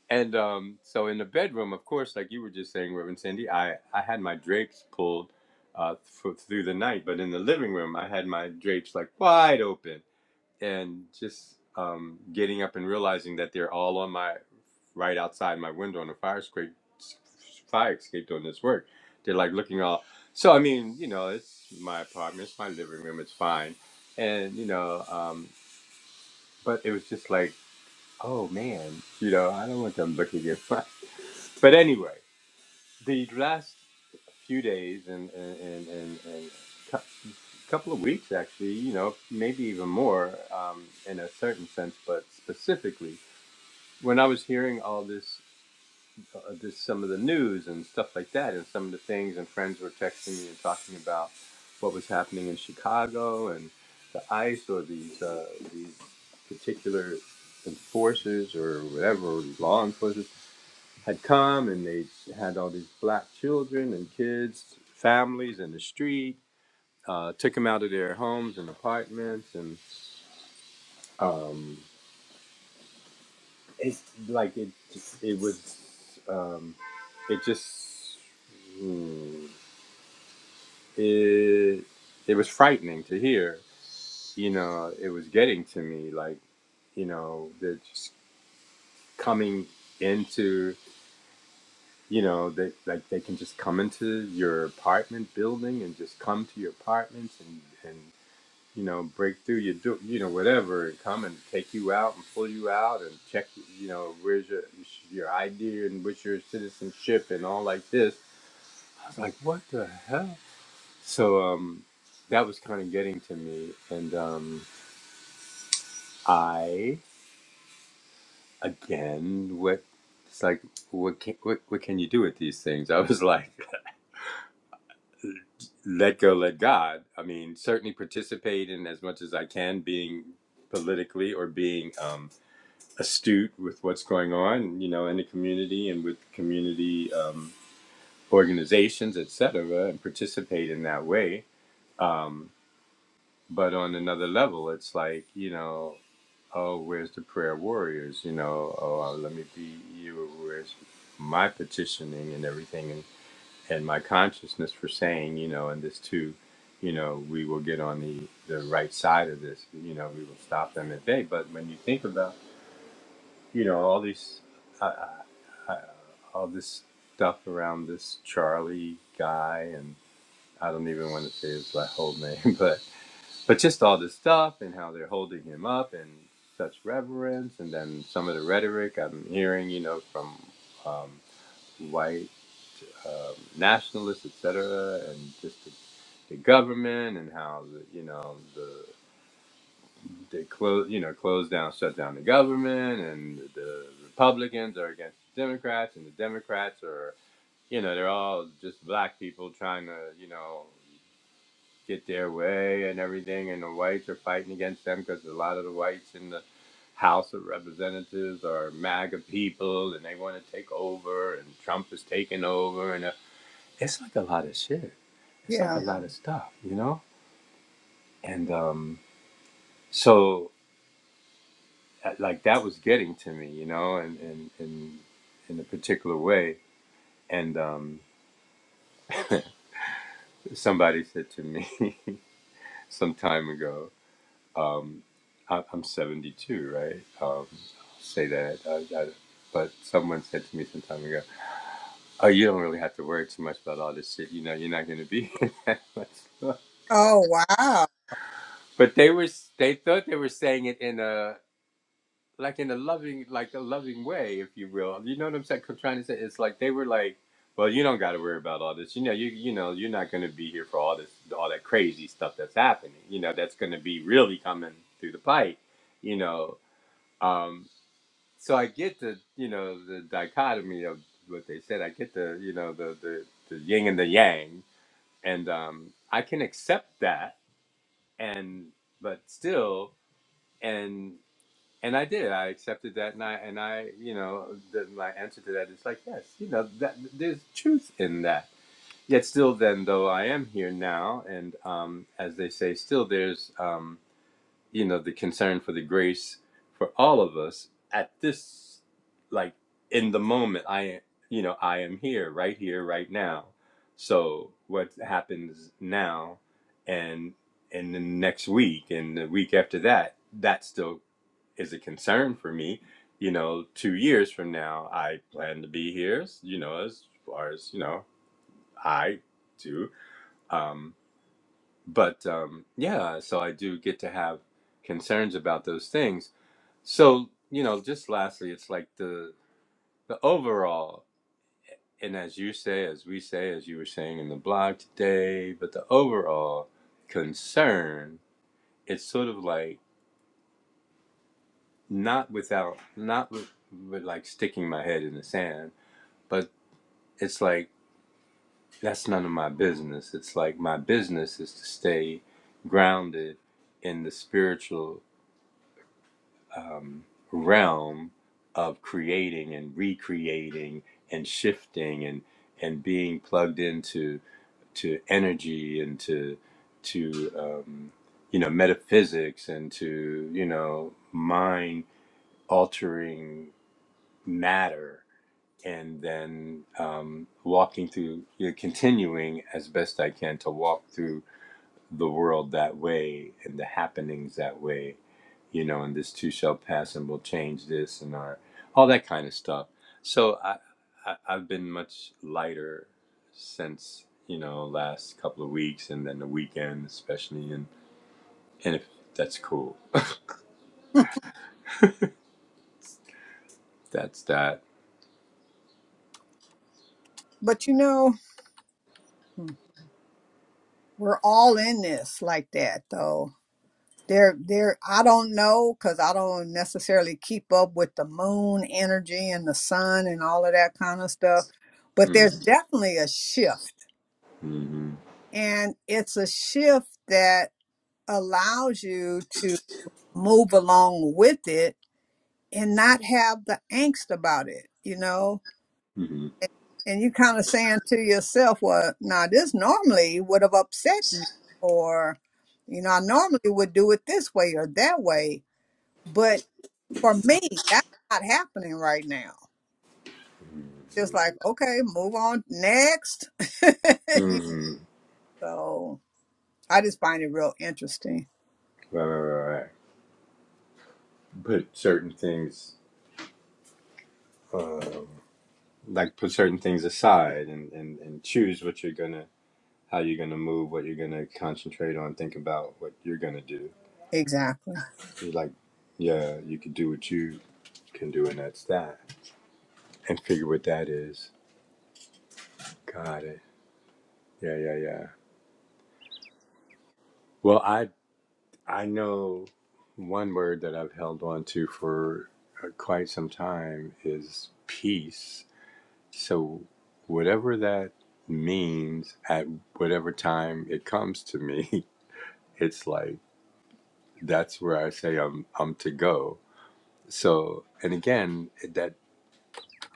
Speaker 3: And um, so in the bedroom, of course, like you were just saying, Reverend Cindy, I, I had my drapes pulled uh, f- through the night. But in the living room, I had my drapes like wide open and just um, getting up and realizing that they're all on my right outside my window on the fire escape, fire escape doing this work. They're like looking all. So I mean, you know, it's my apartment, it's my living room, it's fine, and you know, um, but it was just like, oh man, you know, I don't want them looking at my. But anyway, the last few days and and and and, and couple of weeks actually you know maybe even more um, in a certain sense but specifically when i was hearing all this uh, this some of the news and stuff like that and some of the things and friends were texting me and talking about what was happening in chicago and the ice or these uh, these particular enforcers or whatever law enforcers had come and they had all these black children and kids families in the street uh, took them out of their homes and apartments, and um, it's like it just it was um, it just mm, it it was frightening to hear. You know, it was getting to me like you know they're just coming into you know they like they can just come into your apartment building and just come to your apartments and you know, break through your, do- you know, whatever, and come and take you out and pull you out and check, you know, where's your your ID and what's your citizenship and all like this. I was like, what the hell? So um, that was kind of getting to me, and um, I again, what it's like, what can what, what can you do with these things? I was like, let go, let God. I mean, certainly participate in as much as I can, being politically or being. Um, astute with what's going on, you know, in the community and with community um, organizations, et cetera, and participate in that way. Um, but on another level, it's like, you know, oh, where's the prayer warriors? You know, oh, uh, let me be you. Where's my petitioning and everything, and and my consciousness for saying, you know, and this too, you know, we will get on the the right side of this. You know, we will stop them at bay. But when you think about you know all these uh, uh, all this stuff around this Charlie guy, and I don't even want to say his whole name, but but just all this stuff and how they're holding him up and such reverence, and then some of the rhetoric I'm hearing, you know, from um, white um, nationalists, etc., and just the, the government and how the, you know the they close, you know, close down, shut down the government, and the Republicans are against the Democrats, and the Democrats are, you know, they're all just black people trying to, you know, get their way and everything, and the whites are fighting against them because a lot of the whites in the House of Representatives are MAGA people, and they want to take over, and Trump is taking over, and uh, it's like a lot of shit. It's like a
Speaker 2: Yeah.
Speaker 3: lot of stuff, you know, and um, so. like that was getting to me, you know, and and in in a particular way. And um, somebody said to me some time ago, um, I, I'm 72, right? Um, I'll say that, I, I, but someone said to me some time ago, "Oh, you don't really have to worry too much about all this shit. You know, you're not going to be." that much."
Speaker 2: Oh, wow.
Speaker 3: But they were they thought they were saying it in a like in a loving like a loving way if you will you know what i'm saying I'm trying to say it's like they were like well you don't got to worry about all this you know you you know you're not going to be here for all this all that crazy stuff that's happening you know that's going to be really coming through the pipe you know um so i get the you know the dichotomy of what they said i get the you know the the, the yin and the yang and um i can accept that and but still and and I did. I accepted that, and I and I, you know, the, my answer to that is like, yes, you know, that there's truth in that. Yet still, then though I am here now, and um, as they say, still there's, um, you know, the concern for the grace for all of us at this, like in the moment. I, you know, I am here, right here, right now. So what happens now, and and the next week, and the week after that, that still is a concern for me. You know, two years from now, I plan to be here. You know, as far as you know, I do. Um, but um, yeah, so I do get to have concerns about those things. So you know, just lastly, it's like the the overall, and as you say, as we say, as you were saying in the blog today, but the overall concern, it's sort of like not without, not with, with like sticking my head in the sand but it's like that's none of my business. It's like my business is to stay grounded in the spiritual um, realm of creating and recreating and shifting and and being plugged into to energy and to to um, you know metaphysics and to you know mind altering matter and then um, walking through, you know, continuing as best I can to walk through the world that way and the happenings that way, you know, and this too shall pass and we'll change this and our, all that kind of stuff. So I, I, I've been much lighter since, you know, last couple of weeks and then the weekend, especially. And, and if that's cool, that's that.
Speaker 2: But you know, mm, we're all in this like that, though. There, there. I don't know because I don't necessarily keep up with the moon energy and the sun and all of that kind of stuff. But
Speaker 3: Mm,
Speaker 2: there's definitely a shift,
Speaker 3: mm-hmm,
Speaker 2: and it's a shift that allows you to move along with it and not have the angst about it. You know,
Speaker 3: mm-hmm,
Speaker 2: and you kind of saying to yourself, well, now this normally would have upset me, or, you know, I normally would do it this way or that way. But for me, that's not happening right now. Just like, okay, move on next. You-
Speaker 3: mm-hmm.
Speaker 2: so I just find it real interesting.
Speaker 3: Right, right, right, right. right. But certain things um, like put certain things aside and, and, and choose what you're gonna how you're gonna move what you're gonna concentrate on think about what you're gonna do
Speaker 2: Exactly.
Speaker 3: It's like yeah you can do what you can do and that's that and figure what that is got it yeah yeah yeah well i i know one word that i've held on to for uh, quite some time is peace so whatever that means at whatever time it comes to me it's like that's where I say I'm I'm to go. So and again that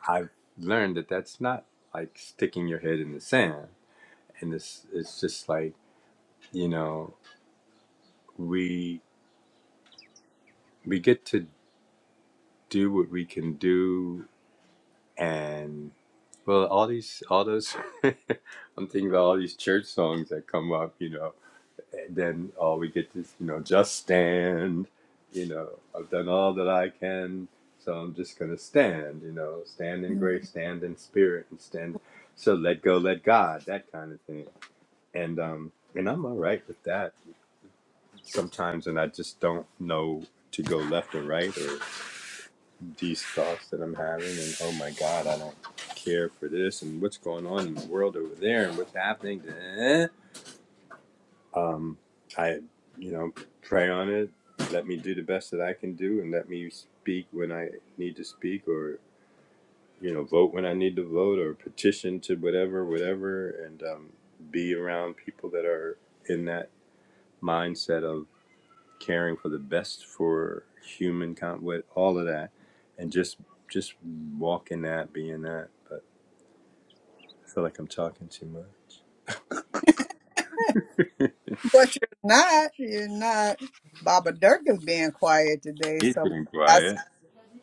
Speaker 3: I've learned that that's not like sticking your head in the sand, and this it's just like you know we we get to do what we can do, and well all these all those I'm thinking about all these church songs that come up, you know then uh, we get this, you know, just stand. You know, I've done all that I can, so I'm just gonna stand. You know, stand in
Speaker 2: Mhm.
Speaker 3: grace, stand in spirit, and stand. So let go, let God, that kind of thing. And um, and I'm all right with that sometimes, and I just don't know to go left or right or these thoughts that I'm having, and oh my God, I don't care for this, and what's going on in the world over there, and what's happening. eh? Um, I, you know, pray on it. Let me do the best that I can do, and let me speak when I need to speak, or you know, vote when I need to vote, or petition to whatever, whatever, and um, be around people that are in that mindset of caring for the best for human con with all of that, and just just walk in that, be in that. But I feel like I'm talking too much.
Speaker 2: But you're not, you're not. Baba Dirk is being quiet today.
Speaker 3: He's
Speaker 2: So
Speaker 3: been quiet.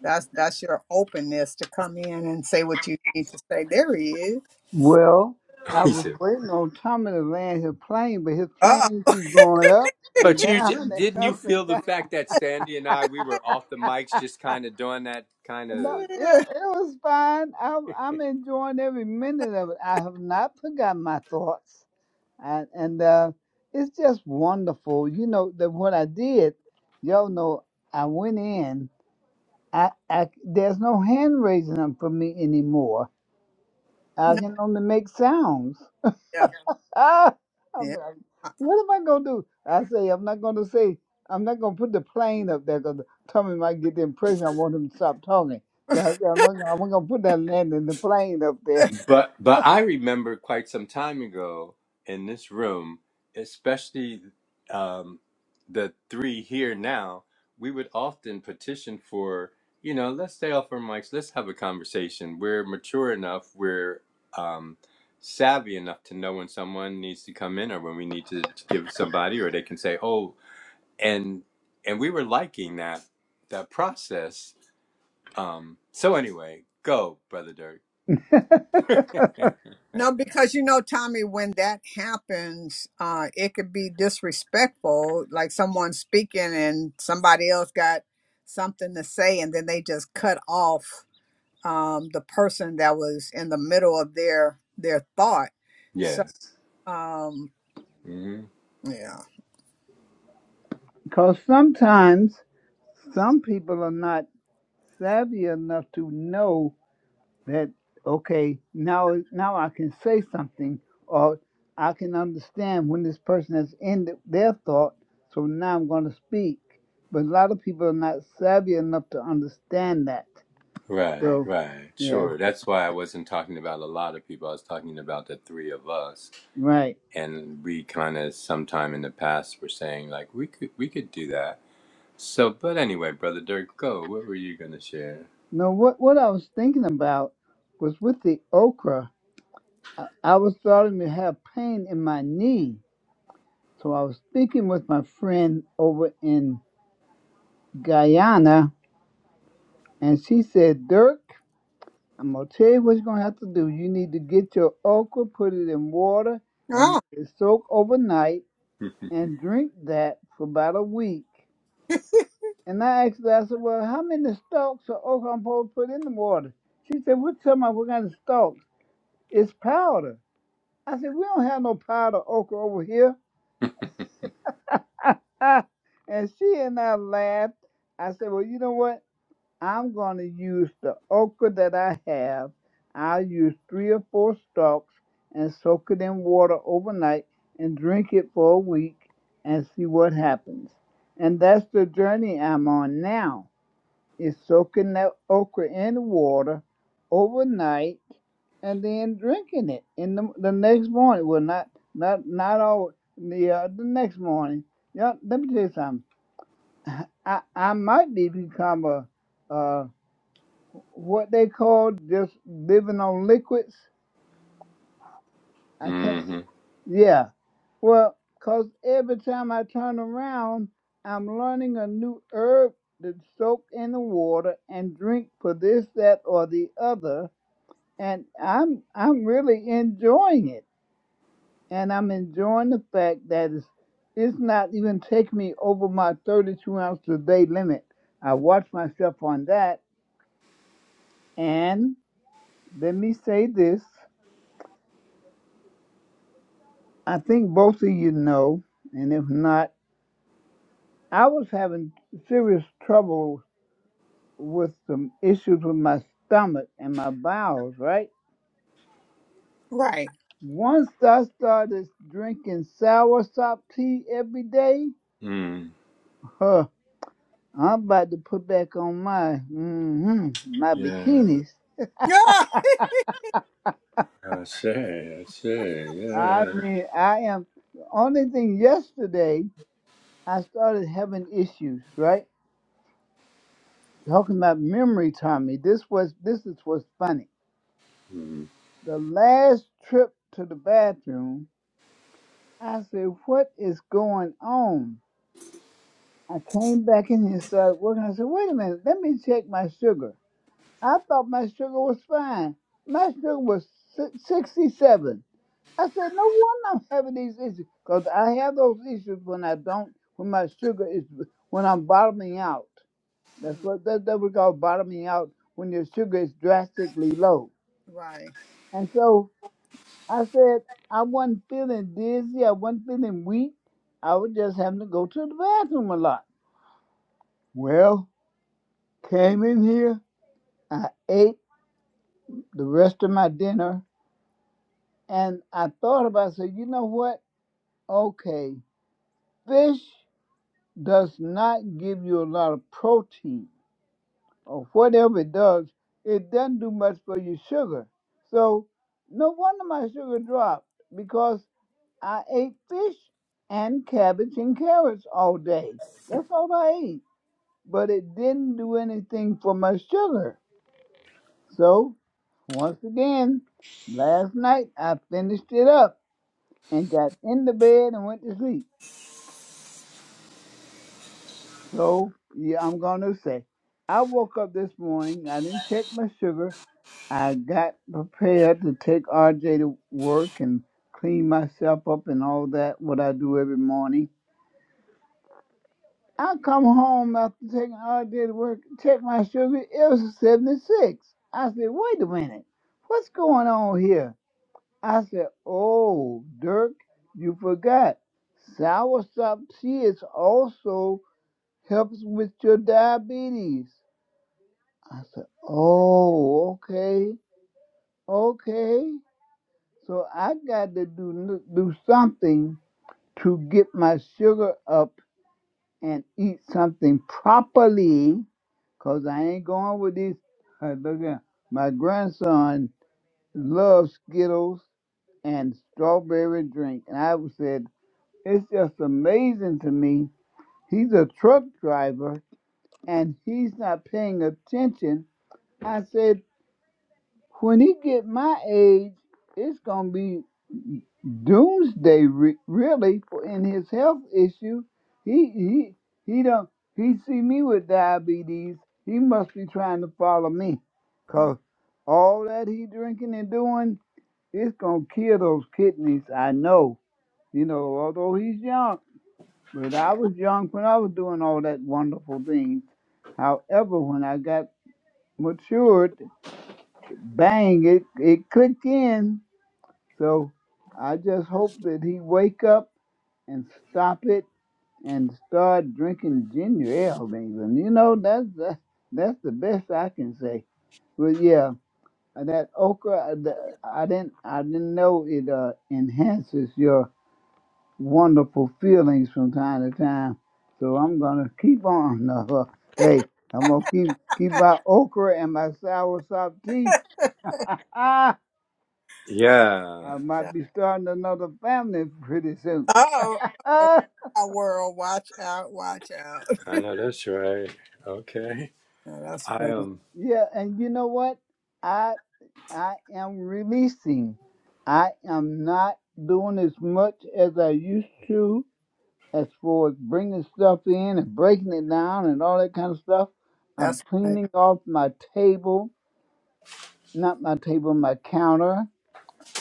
Speaker 2: That's that's your openness to come in and say what you need to say. There he is.
Speaker 1: Well, I
Speaker 3: he
Speaker 1: was
Speaker 3: said,
Speaker 1: waiting on Tommy to land his plane, but his
Speaker 2: Oh,
Speaker 1: plane keep going up and
Speaker 3: But you j-
Speaker 1: down and
Speaker 3: didn't you
Speaker 1: up
Speaker 3: feel
Speaker 1: and
Speaker 3: the
Speaker 1: down.
Speaker 3: fact that Sandy and I we were off the mics just kind of doing that kind of
Speaker 1: No, it, it was fine. I'm, I'm enjoying every minute of it. I have not forgotten my thoughts. And, and uh, it's just wonderful. You know, that what I did, y'all know, I went in. I, I, there's no hand raising up for me anymore. I
Speaker 2: no,
Speaker 1: can only make sounds.
Speaker 2: yeah,
Speaker 1: Ah, I'm
Speaker 2: yeah.
Speaker 1: like,
Speaker 2: Uh,
Speaker 1: what am I gonna do? I say I'm not gonna say I'm not gonna put the plane up there because Tommy might get the impression I want him to stop talking. So I said I'm not, gonna- I'm not gonna put that landing the plane up there
Speaker 3: but but I remember quite some time ago in this room, especially um the three here now, we would often petition for, you know, let's stay off our mics, let's have a conversation. We're mature enough, we're um savvy enough to know when someone needs to come in or when we need to give somebody or they can say, "Oh, and and we were liking that that process. Um, so anyway, go, brother Dirk.
Speaker 2: No, because you know, Tommy, when that happens, uh, it could be disrespectful. Like someone speaking and somebody else got something to say, and then they just cut off um, the person that was in the middle of their their thought. So,
Speaker 3: yes.
Speaker 2: um,
Speaker 3: hmm
Speaker 2: yeah.
Speaker 1: because sometimes some people are not savvy enough to know that okay now now I can say something or I can understand when this person has ended their thought so now I'm going to speak but a lot of people are not savvy enough to understand that
Speaker 3: Right,
Speaker 1: so
Speaker 3: right,
Speaker 1: yeah
Speaker 3: sure. That's why I wasn't talking about a lot of people. I was talking about the three of us,
Speaker 1: right
Speaker 3: and we kind of sometime in the past were saying like we could we could do that. So, but anyway, brother Dirk, go. What were you gonna share?
Speaker 1: now what what I was thinking about was with the okra I was starting to have pain in my knee so I was speaking with my friend over in Guyana and she said Dirk I'm gonna tell you what you're gonna have to do. You need to get your okra, put it in water, and
Speaker 2: Oh,
Speaker 1: let it soak overnight, and drink that for about a week. And I asked her, I said, "Well, how many stalks of okra I'm supposed to put in the water?" She said, "We're talking about? What kind of stalks? It's powder." I said, "We don't have no powder okra over here." Ah, and she and I laughed. I said, "Well, you know what? I'm going to use the okra that I have. I'll use three or four stalks and soak it in water overnight and drink it for a week and see what happens. And that's the journey I'm on now. Is soaking that okra in water overnight and then drinking it in the, the next morning. Well, not not not all the uh, the next morning. Yeah, let me tell you something. I I might be become a uh what they call just living on liquids. I can't.
Speaker 3: Mm-hmm.
Speaker 1: Yeah. well, cause every time I turn around, I'm learning a new herb to soak in the water and drink for this, that, or the other, and I'm I'm really enjoying it, and I'm enjoying the fact that it's it's not even taking me over my 32 ounce a day limit. I watch myself on that, and let me say this. I think both of you know, and if not, I was having serious trouble with some issues with my stomach and my bowels, right?
Speaker 2: right.
Speaker 1: Once I started drinking soursop tea every day,
Speaker 3: Mm.
Speaker 1: huh, I'm about to put back on my hmm my
Speaker 3: Yeah.
Speaker 1: bikinis.
Speaker 2: Yeah.
Speaker 3: I say, I say,
Speaker 1: I
Speaker 3: yeah.
Speaker 1: mean, I am. The only thing yesterday, I started having issues, right? Talking about memory, Tommy. This was this is what's funny.
Speaker 3: Mm.
Speaker 1: The last trip to the bathroom, I said, What is going on? I came back in here and started working. I said, Wait a minute, let me check my sugar. I thought my sugar was fine. My sugar was si- 67. I said, No wonder I'm having these issues. Because I have those issues when I don't, when my sugar is, when I'm bottoming out. That's
Speaker 2: Mm,
Speaker 1: what that, that we call bottoming out when your sugar is drastically low.
Speaker 2: Right.
Speaker 1: And so I said I wasn't feeling dizzy. I wasn't feeling weak. I was just having to go to the bathroom a lot. Well, came in here. I ate the rest of my dinner, and I thought about. it, I said, you know what? Okay, fish does not give you a lot of protein, or whatever it does. It doesn't do much for your sugar. So no wonder my sugar dropped because. I ate fish and cabbage and carrots all day. That's all I ate. But it didn't do anything for my sugar. So, once again, last night I finished it up and got in the bed and went to sleep. So, yeah, I'm going to say, I woke up this morning. I didn't check my sugar. I got prepared to take RJ to work and clean myself up and all that, what I do every morning I come home after taking all day to work, check my sugar, it was 76. I said, wait a minute, what's going on here? I said, oh, Dirk, you forgot. Soursop tea is also helps with your diabetes. I said, oh, okay, okay. So I got to do, do something to get my sugar up and eat something properly Cause I ain't going with these. Uh, look at my grandson loves Skittles and strawberry drink, and I was said it's just amazing to me. He's a truck driver and he's not paying attention. I said when he get my age, it's gonna be doomsday re- really for in his health issue. He he he don't he see me with diabetes. He must be trying to follow me,
Speaker 2: Mm.
Speaker 1: cause all that he drinking and doing, it's gonna kill those kidneys. I know. You know, although he's young, but I was young when I was doing all that wonderful things. However, when I got matured, bang, it it clicked in so I just hope that he wake up and stop it and start drinking ginger ale, Mason. You know that's the, that's the best I can say. But yeah, that okra, uh, the, I didn't I didn't know it uh, enhances your wonderful feelings from time to time. So I'm gonna keep on. Uh, hey, I'm gonna keep keep my okra and my sour soursop tea. I
Speaker 3: Yeah,
Speaker 2: yeah.
Speaker 1: might be starting another family pretty soon.
Speaker 2: Oh, oh, our world, watch out, watch out.
Speaker 3: I know that's right. Okay.
Speaker 2: Now, that's
Speaker 3: I
Speaker 2: funny.
Speaker 3: am.
Speaker 1: Yeah, and you know what? I I am releasing. I am not doing as much as I used to as far as bringing stuff in and breaking it down and all that kind of stuff. I'm
Speaker 2: That's funny.
Speaker 1: cleaning off my table, not my table, my counter,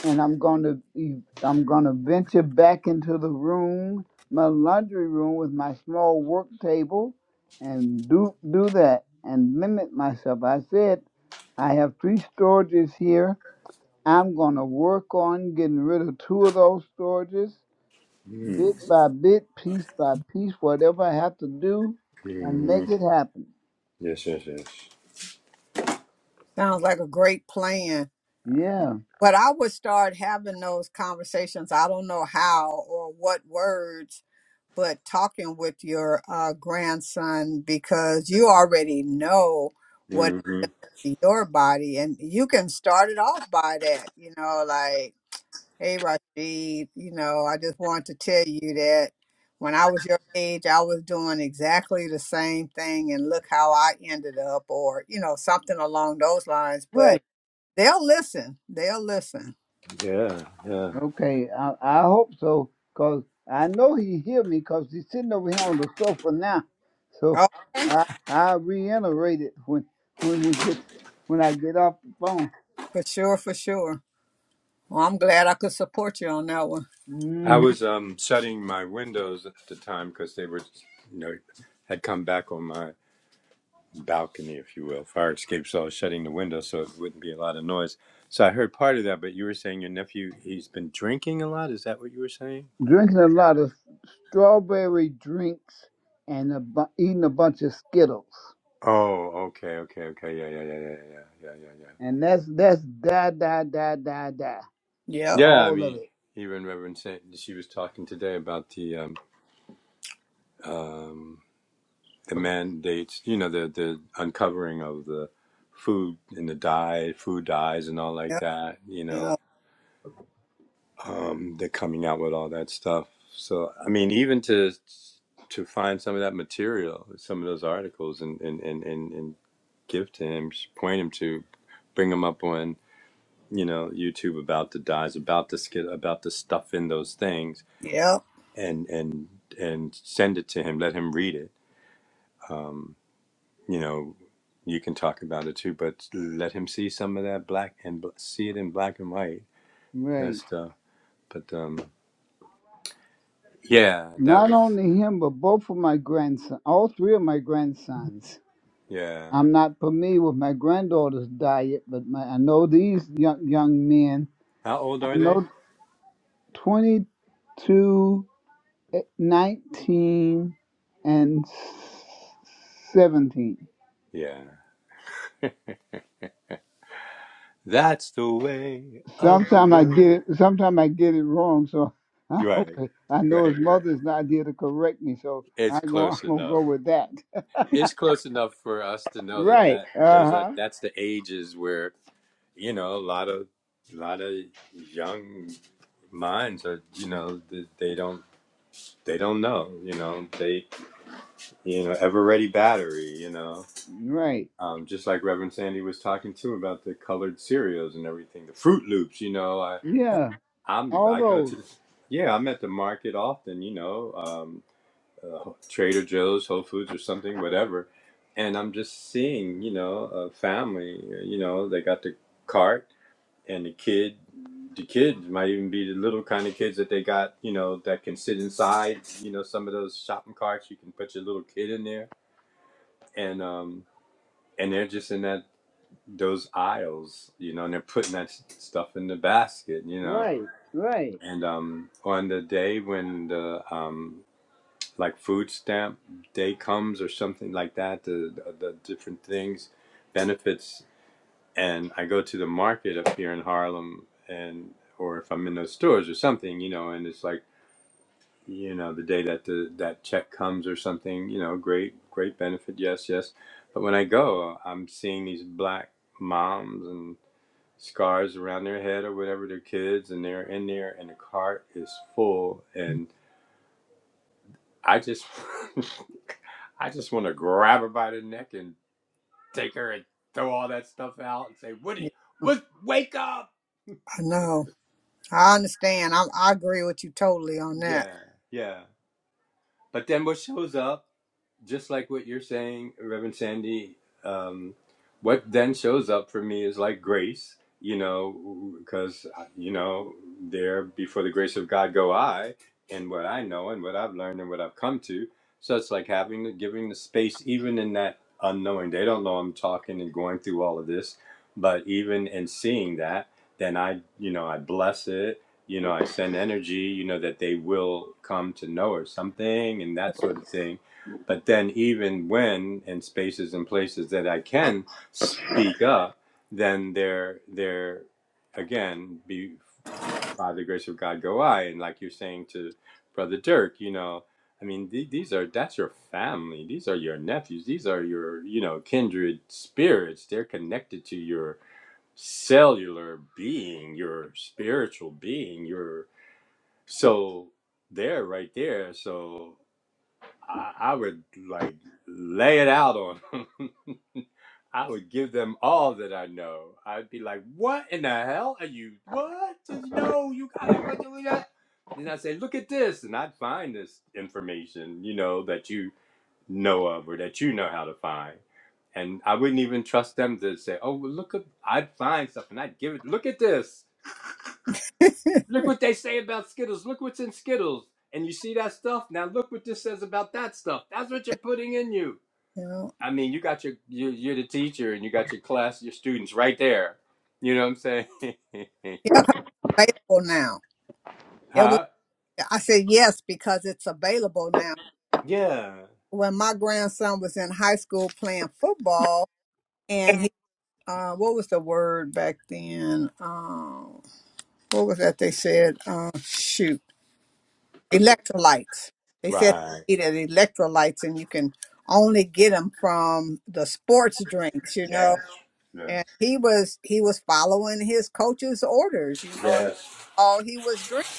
Speaker 1: and I'm going to be- I'm going to venture back into the room, my laundry room with my small work table and do do that and limit myself. I said I have three storages here. I'm going to work on getting rid of two of those storages bit
Speaker 3: Mm,
Speaker 1: by bit, piece by piece, whatever I have to do
Speaker 3: hmm
Speaker 1: and
Speaker 3: mm-hmm.
Speaker 1: make it happen.
Speaker 3: Yes, yes, yes.
Speaker 2: sounds like a great plan.
Speaker 1: Yeah,
Speaker 2: But I would start having those conversations. I don't know how or what words, but talking with your uh, grandson because you already know what
Speaker 3: hmm
Speaker 2: your body and you can start it off by that you know like Hey, Rashid, you know, I just want to tell you that when I was your age, I was doing exactly the same thing, and look how I ended up, or, you know, something along those lines. But
Speaker 1: right.
Speaker 2: they'll listen. They'll listen.
Speaker 3: Yeah, yeah.
Speaker 1: Okay, I, I hope so because I know he hear me because he's sitting over here on the sofa now. So
Speaker 2: Okay.
Speaker 1: I, I reiterate it when, when we get, when I get off the phone.
Speaker 2: For sure, for sure. Well, I'm glad I could support you on that one.
Speaker 1: Mm-hmm.
Speaker 3: I was um shutting my windows at the time because they were, you know, had come back on my balcony, if you will, fire escape. So I was shutting the window so it wouldn't be a lot of noise. So I heard part of that, but you were saying your nephew, he's been drinking a lot. Is that what you were saying?
Speaker 1: drinking a lot of strawberry drinks and a bu- eating a bunch of Skittles.
Speaker 3: Oh, okay, okay, okay. Yeah, yeah, yeah, yeah, yeah, yeah, yeah, yeah.
Speaker 1: And that's that's die die die die die.
Speaker 2: Yep,
Speaker 3: Yeah, I
Speaker 1: All of
Speaker 3: mean,
Speaker 1: it.
Speaker 3: even Reverend Saint, she was talking today about the um, um, the mandates. You know, the the uncovering of the food and the dye, food dyes, and all like
Speaker 2: yep,
Speaker 3: that. You know,
Speaker 2: yep,
Speaker 3: um, they're coming out with all that stuff. So, I mean, even to to find some of that material, some of those articles, and and and and, and give to him, point him to, bring him up on you know YouTube about the dyes, about the skit, about the stuff in those things
Speaker 2: yep.
Speaker 3: and and and send it to him. Let him read it. Um, you know, you can talk about it too, but let him see some of that black and bl- see it in black and white.
Speaker 1: Right.
Speaker 3: That's the. But um, yeah, that
Speaker 1: Not
Speaker 3: was
Speaker 1: only him, but both of my grandson, all three of my grandsons.
Speaker 3: yeah.
Speaker 1: I'm not familiar with my granddaughter's diet, but my, I know these young young men.
Speaker 3: How old
Speaker 1: I
Speaker 3: are they?
Speaker 1: know 22, eh, 19, and 17.
Speaker 3: Yeah, that's the way of the
Speaker 1: Sometimes I get
Speaker 3: world.
Speaker 1: it. Sometimes I get it wrong. So I
Speaker 3: Right,
Speaker 1: hope I know
Speaker 3: right,
Speaker 1: his
Speaker 3: right.
Speaker 1: mother's not here to correct me. So
Speaker 3: It's
Speaker 1: I go. I'm
Speaker 3: close
Speaker 1: gonna go
Speaker 3: enough.
Speaker 1: with that.
Speaker 3: It's close enough for us to know that
Speaker 1: Right.
Speaker 3: that
Speaker 1: Uh
Speaker 3: those are
Speaker 1: huh.
Speaker 3: that's the ages where you know, a lot of a lot of young minds are, you know, th- they don't they don't know, you know, they you know ever ready battery, you know.
Speaker 1: Right.
Speaker 3: Um, just like Reverend Sandy was talking too about the colored cereals and everything, the Fruit Loops, you know. I
Speaker 1: Yeah.
Speaker 3: I'm
Speaker 1: All
Speaker 3: I go
Speaker 1: those.
Speaker 3: to the, yeah, I'm at the market often, you know, um, uh, Trader Joe's, Whole Foods, or something, whatever, and I'm just seeing, you know, a family, you know, they got the cart and the kid the kid might even be the little kind of kids that they got you know that can sit inside you know some of those shopping carts you can put your little kid in there and um and they're just in that those aisles you know and they're putting that stuff in the basket you know
Speaker 1: Right. Right.
Speaker 3: and um on the day when the um like food stamp day comes or something like that the the, the different things benefits and I go to the market up here in Harlem, and or if I'm in those stores or something, you know, and it's like, you know, the day that the that check comes or something, you know, great great benefit, yes, yes. But when I go, I'm seeing these black moms and scars around their head or whatever their kids, and they're in there, and the cart is full, and I just, I just want to grab her by the neck and take her and throw all that stuff out and say, "What?
Speaker 2: Yeah,
Speaker 3: What? Wake up!"
Speaker 2: I know. I understand. I, I agree with you totally on that.
Speaker 3: Yeah, yeah. But then what shows up just like what you're saying, Reverend Sandy, um, what then shows up for me is like grace, you know, because, you know, there before the grace of God go I, and what I know and what I've learned and what I've come to. So it's like having the, giving the space, even in that unknowing. They don't know I'm talking and going through all of this, but even in seeing that, then I, you know, I bless it. You know, I send energy, you know, that they will come to know or something and that sort of thing but then, even when in spaces and places that I can speak up, then there, there, again, be by the grace of God, go I. And like you're saying to Brother Dirk, you know, I mean, the- these are that's your family. These are your nephews. These are your, you know, kindred spirits. They're connected to your cellular being, your spiritual being, your so they're right there. So I, I would like lay it out on them. I would give them all that I know. I'd be like, "What in the hell are you? What? Just no, you got that much of that." Then I say, "Look at this," and I'd find this information, you know, that you know of or that you know how to find. And I wouldn't even trust them to say, "Oh, well, look at." I'd find stuff and I'd give it. Look at this. Look what they say about Skittles. Look what's in Skittles. And you see that stuff? Now look what this says about that stuff. That's what you're putting in you.
Speaker 2: You
Speaker 3: I mean, you got your, you're, you're the teacher and you got your class, your students right there. You know what I'm saying?
Speaker 2: Yeah, yeah, 'cause it's available now. It was.
Speaker 3: huh?
Speaker 2: I said yes because it's available now.
Speaker 3: Yeah.
Speaker 2: When my grandson was in high school playing football, and he, uh, what was the word back then? Um, what was that they said? Uh, shoot, electrolytes. They said
Speaker 3: Right.
Speaker 2: they needed electrolytes, and you can only get them from the sports drinks, you
Speaker 3: Yes.
Speaker 2: know.
Speaker 3: Yeah.
Speaker 2: And he was he was following his coach's orders, you know, and
Speaker 3: Yes.
Speaker 2: all he was drinking.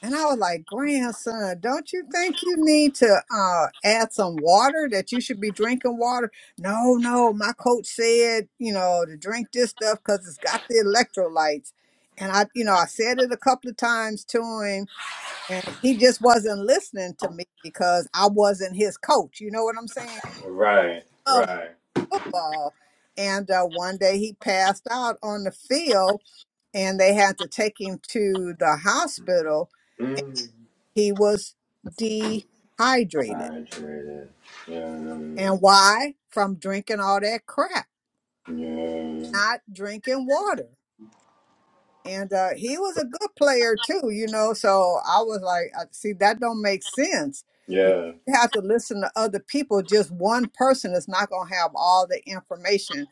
Speaker 2: And I was like, grandson, don't you think you need to uh, add some water that you should be drinking water? No, no, my coach said, you know, to drink this stuff because it's got the electrolytes. And I, you know, I said it a couple of times to him, and he just wasn't listening to me because I wasn't his coach. You know what I'm saying?
Speaker 3: Right.
Speaker 2: Of
Speaker 3: Right.
Speaker 2: football. And uh, one day he passed out on the field, and they had to take him to the hospital
Speaker 3: Mm.
Speaker 2: he was dehydrated.
Speaker 3: Hydrated. Yeah.
Speaker 2: And why? From drinking all that crap,
Speaker 3: Yeah.
Speaker 2: not drinking water. And uh, he was a good player too, you know. So I was like, I- see, that don't make sense. You
Speaker 3: Yeah.
Speaker 2: have to listen to other people. Just one person is not going to have all the information.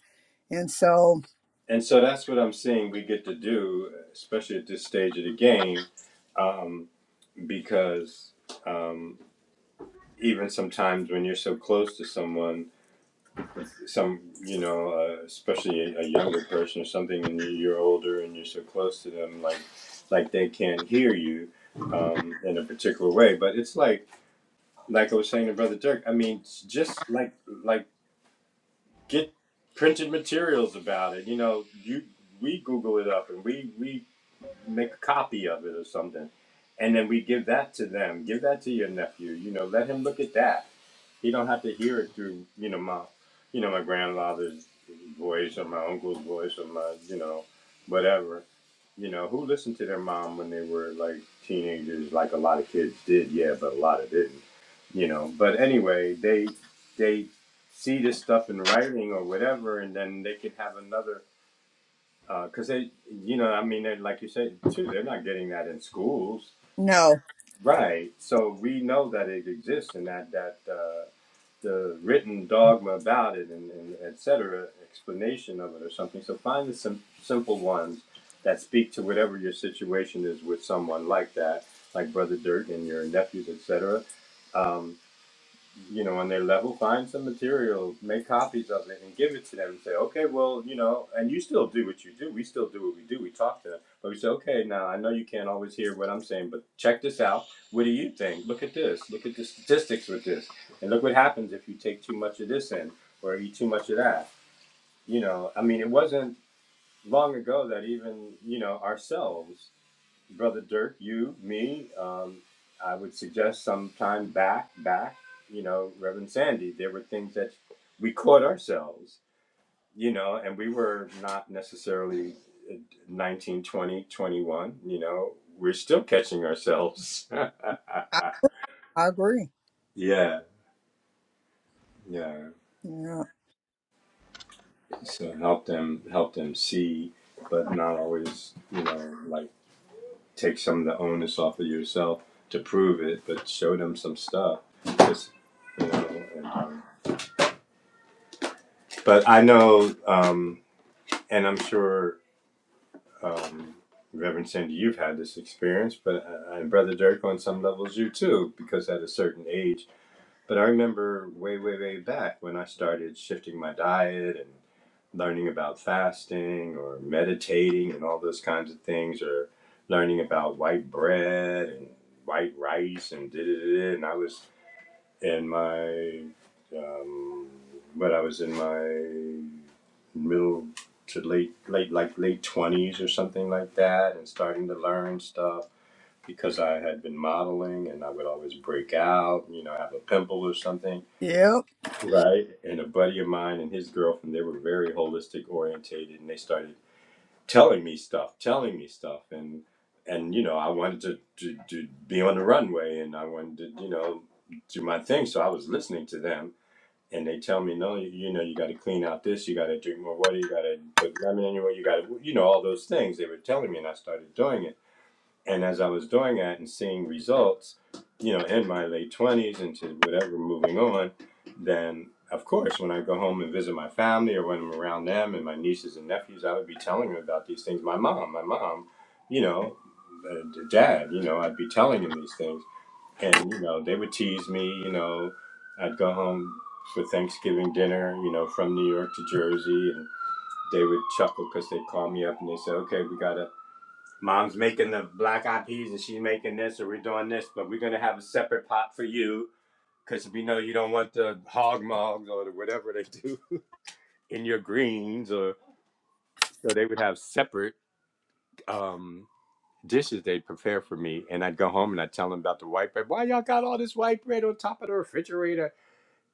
Speaker 2: And so,
Speaker 3: And so that's what I'm seeing we get to do, especially at this stage of the game, um, because um, even sometimes when you're so close to someone, some you know, uh, especially a, a younger person or something, and you- are older and you're so close to them, like like they can't hear you um, in a particular way. But it's like like I was saying to Brother Dirk. I mean, just like like get printed materials about it. You know, you we Google it up and we we make a copy of it or something. And then we give that to them. Give that to your nephew. You know, let him look at that. He don't have to hear it through, you know, my you know, my grandfather's voice or my uncle's voice or my, you know, whatever. You know, who listened to their mom when they were like teenagers, like a lot of kids did, yeah, but a lot of didn't. You know. But anyway, they they see this stuff in writing or whatever and then they can have another because uh, they, you know, I mean, like you said too, they're not getting that in schools,
Speaker 2: no,
Speaker 3: right? So we know that it exists and that that uh, the written dogma about it and, and et cetera, explanation of it or something. So find the sim- simple ones that speak to whatever your situation is with someone like that, like Brother Dirk and your nephews, et cetera. Um, you know, on their level, find some material, make copies of it, and give it to them and say, okay, well, you know, and you still do what you do. We still do what we do. We talk to them. But we say, okay, now I know you can't always hear what I'm saying, but check this out. What do you think? Look at this. Look at the statistics with this. And look what happens if you take too much of this in or eat too much of that. You know, I mean, it wasn't long ago that even, you know, ourselves, Brother Dirk, you, me, um, I would suggest sometime back, back, you know, Reverend Sandy, there were things that we caught ourselves, you know, and we were not necessarily uh, 21, you know, we're still catching ourselves.
Speaker 2: I, I agree.
Speaker 3: yeah, yeah.
Speaker 2: Yeah.
Speaker 3: So help them, help them see, but not always, you know, like take some of the onus off of yourself to prove it, but show them some stuff. Just, you know, and um, but I know, um, and I'm sure, um, Reverend Sandy, you've had this experience, but uh, and Brother Dirk on some levels, you too, because at a certain age. But I remember way, way, way back when I started shifting my diet and. learning about fasting or meditating and all those kinds of things, or learning about white bread and white rice and da da da. And I was in my, um, but I was in my middle to late, late, like late twenties or something like that, and starting to learn stuff because I had been modeling and I would always break out, you know, have a pimple or something.
Speaker 2: Yep.
Speaker 3: Right. And a buddy of mine and his girlfriend, they were very holistic orientated and they started telling me stuff, telling me stuff, and and you know I wanted to, to to be on the runway, and I wanted to you know do my thing, so I was listening to them, and they tell me no, you, you know you got to clean out this, you got to drink more water, you got to put lemon in your water, you got to you know all those things they were telling me, and I started doing it and as I was doing that and seeing results, you know, in my late twenties into whatever moving on, then of course when I go home and visit my family or when I'm around them and my nieces and nephews, I would be telling them about these things. My mom, my mom, you know, uh, dad, you know, I'd be telling them these things, and you know, they would tease me. You know, I'd go home for Thanksgiving dinner, you know, from New York to Jersey, and they would chuckle because they'd call me up and they say, "Okay, we got to." Mom's making the black eyed peas and she's making this, or we're doing this, but we're gonna have a separate pot for you because we know you don't want the hog mugs or the whatever they do in your greens, or so they would have separate um, dishes they'd prepare for me. And I'd go home and I'd tell them about the white bread. Why y'all got all this white bread on top of the refrigerator?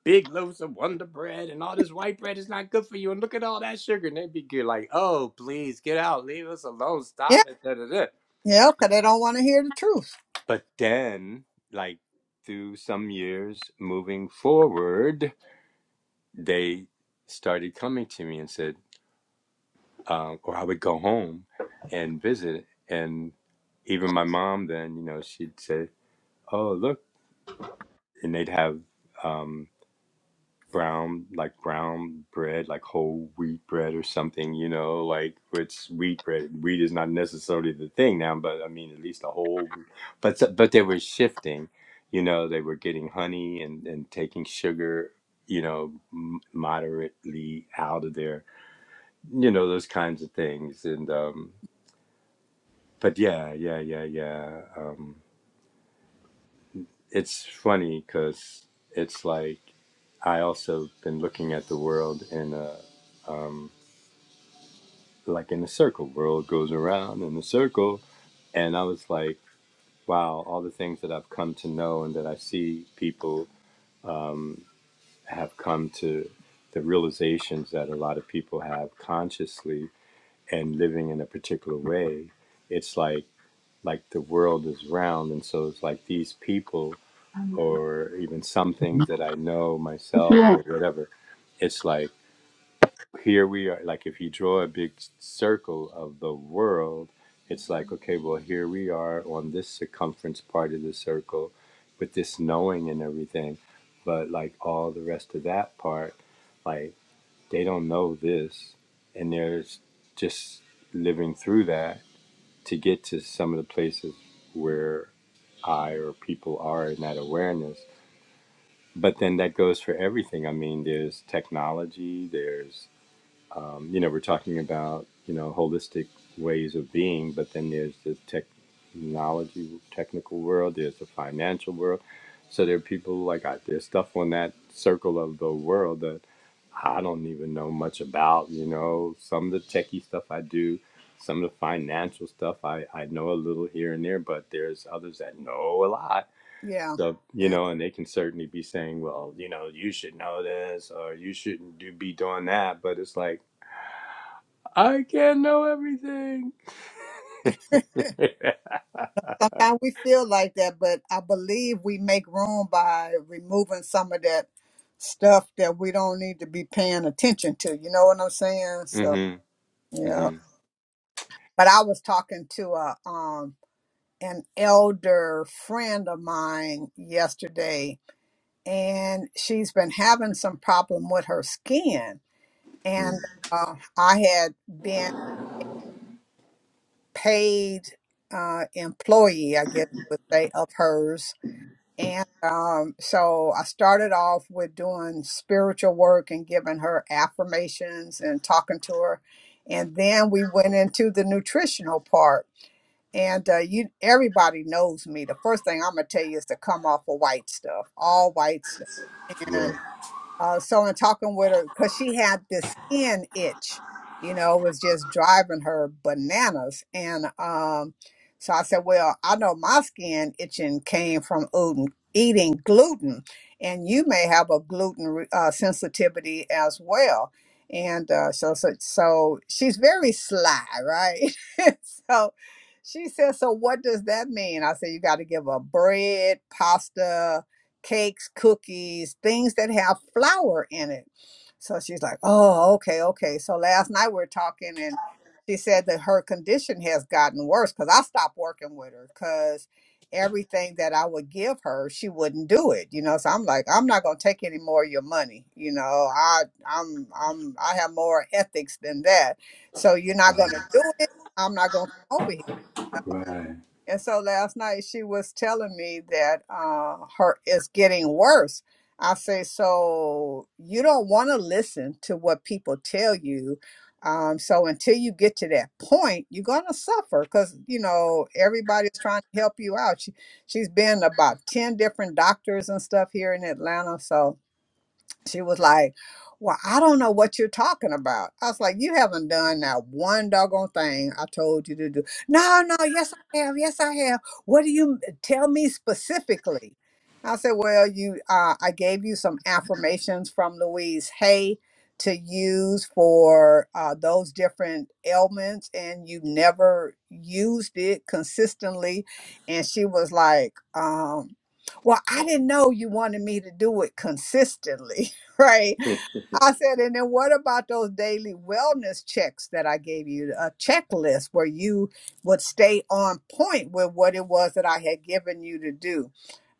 Speaker 3: Big loaves of Wonder Bread and all this white bread is not good for you. And look at all that sugar. And they'd be good, like, oh, please get out, leave us alone,
Speaker 2: Yeah.
Speaker 3: stop it. Da, da, da.
Speaker 2: Yeah. Because they don't want to hear the truth.
Speaker 3: But then, like through some years moving forward, they started coming to me and said, um, or I would go home and visit. And even my mom, then, you know, she'd say, Oh, look. And they'd have um, brown like brown bread like whole wheat bread or something you know like which wheat bread wheat is not necessarily the thing now but i mean at least a whole wheat. but s- but they were shifting you know they were getting honey and and taking sugar you know m- moderately out of there you know those kinds of things and um but yeah yeah yeah yeah um it's funny because it's like i also been looking at the world in a um like in a circle. World goes around in a circle. And I was like, wow, all the things that I've come to know and that I see people have come to the realizations that a lot of people have consciously and living in a particular way. It's like like the world is round and so it's like these people or even some things
Speaker 1: What
Speaker 3: that I know
Speaker 1: you
Speaker 3: myself or
Speaker 1: want?
Speaker 3: whatever. It's like here we are like if you draw a big circle of the world it's like okay well here we are on this circumference part of the circle with this knowing and everything but like all the rest of that part like they don't know this and they're just living through that to get to some of the places where i or people are in that awareness but then that goes for everything i mean there's technology there's um, you know, we're talking about, you know, holistic ways of being, but then there's the technology, technical world, there's the financial world. So there are people like I, there's stuff on that circle of the world that I don't even know much about, you know, some of the techie stuff I do, some of the financial stuff I, I know a little here and there, but there's others that know a lot.
Speaker 2: Yeah.
Speaker 3: So, you
Speaker 2: Yeah.
Speaker 3: know, and they can certainly be saying, well, you know, you should know this or you shouldn't do, be doing that. But it's like, I can't know everything.
Speaker 2: Sometimes we feel like that, but I believe we make room by removing some of that stuff that we don't need to be paying attention to. You know what I'm saying? So
Speaker 3: Mm-hmm.
Speaker 2: yeah.
Speaker 3: Mm-hmm.
Speaker 2: But I was talking to a um an elder friend of mine yesterday, and she's been having some problem with her skin.
Speaker 3: Mm.
Speaker 2: And uh, I had been paid uh, employee, I guess you would say, of hers And um, so I started off with doing spiritual work and giving her affirmations and talking to her. And then we went into the nutritional part. And uh, you, everybody knows me. The first thing I'm gonna tell you is to come off of white stuff, all white stuff
Speaker 3: Yeah.
Speaker 2: uh, so in talking with her because she had this skin itch you know it was just driving her bananas and um so i said well i know my skin itching came from oodin- eating gluten and you may have a gluten re- uh, sensitivity as well and uh, so, so so she's very sly right so she said so what does that mean i said you got to give her bread pasta cakes, cookies, things that have flour in it. So she's like, oh, okay, okay. So last night we are talking, and she said that her condition has gotten worse because I stopped working with her because everything that I would give her, she wouldn't do it. You know, so I'm like, I'm not gonna take any more of your money. You know, I I'm I'm I have more ethics than that. So you're not gonna do it. I'm not gonna come over here.
Speaker 3: Right.
Speaker 2: And so last night she was telling me that uh, her it's getting worse. I say, so you don't want to listen to what people tell you. Um, so until you get to that point, you're gonna suffer because you know everybody's trying to help you out. She she's been about ten different doctors and stuff here in Atlanta, so she was like, Well, I don't know what you're talking about. I was like, You haven't done that one doggone thing I told you to do. No, no, yes, I have. Yes, I have. What do you tell me specifically? I said, Well, you, uh, I gave you some affirmations from Louise Hay to use for uh, those different ailments, and you never used it consistently. And she was like, um, well, I didn't know you wanted me to do it consistently right? I said, and then what about those daily wellness checks that I gave you? A checklist where you would stay on point with what it was that I had given you to do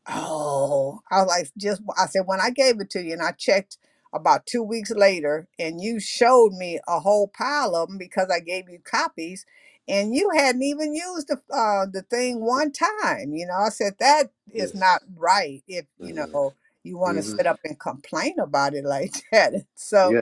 Speaker 2: Oh, I was like, just I said when I gave it to you, and I checked about two weeks later, and you showed me a whole pile of them because I gave you copies, and you hadn't even used the uh, the thing one time. You know, I said that
Speaker 3: Yes.
Speaker 2: is not right. If you know you want to sit up and complain about it like that, so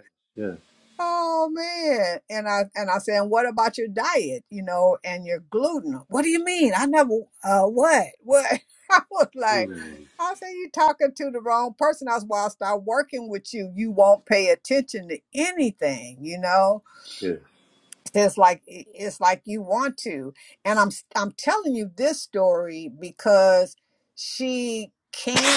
Speaker 2: Oh man. And I and I said, and what about your diet, you know, and your gluten? What do you mean? I never uh what? What I was like, I said, you talking to the wrong person. That's why I start working with you. You won't pay attention to anything, you know? It's like it- it's like you want to. And I'm s- I'm telling you this story because she can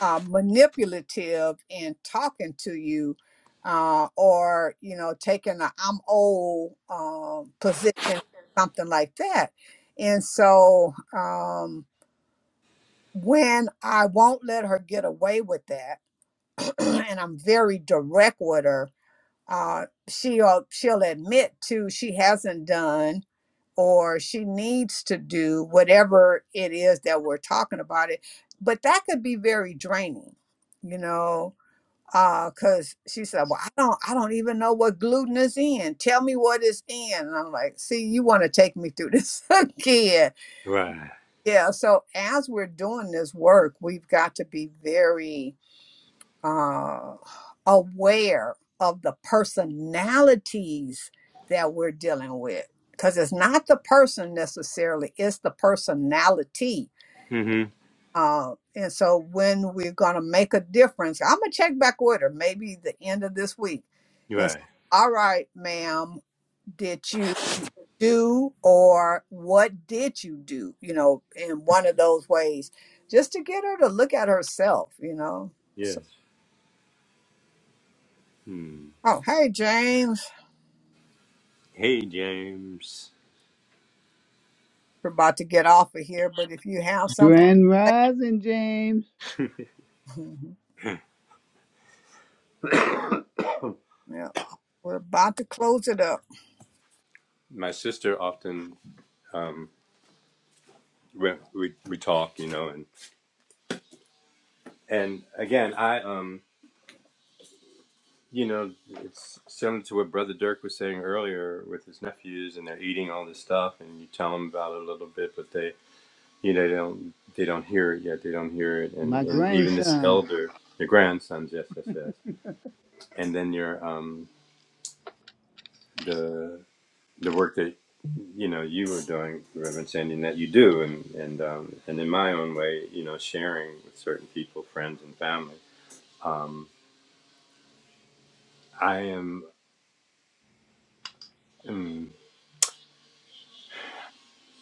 Speaker 2: uh, manipulative in talking to you uh, or you know taking a i'm old uh, position something like that and so um, when i won't let her get away with that and i'm very direct with her uh, she'll she'll admit to she hasn't done or she needs to do whatever it is that we're talking about it but that could be very draining you know uh because she said well i don't i don't even know what gluten is in tell me what is in and i'm like see you want to take me through this again
Speaker 3: Right.
Speaker 2: yeah so as we're doing this work we've got to be very uh aware of the personalities that we're dealing with because it's not the person necessarily it's the personality
Speaker 3: Mm-hmm.
Speaker 2: uh, and so when we're going to make a difference, I'm going to check back with her maybe the end of this week and say,
Speaker 3: Right.
Speaker 2: all right, ma'am, did you do or what did you do? You know, in one of those ways, just to get her to look at herself, you know. So,
Speaker 3: Yes. Hmm.
Speaker 2: oh, hey, James,
Speaker 3: Hey, James.
Speaker 2: we're about to get off of here, but if you have something,
Speaker 1: Grand Rising, James.
Speaker 2: yeah, we're about to close it up.
Speaker 3: My sister often um, we, we we talk, you know, and and again, I um, you know, it's similar to what Brother Dirk was saying earlier with his nephews, and they're eating all this stuff, and you tell them about it a little bit, but they, you know, they don't they don't hear it yet. They don't hear it, and
Speaker 1: My
Speaker 3: and even this
Speaker 1: grandson.
Speaker 3: elder, your grandsons, yes, yes, yes and then your um, the the work that you know you were doing, Reverend Sandy, and that you do, and and um, and in my own way, you know, sharing with certain people, friends and family. Um, I am. mm,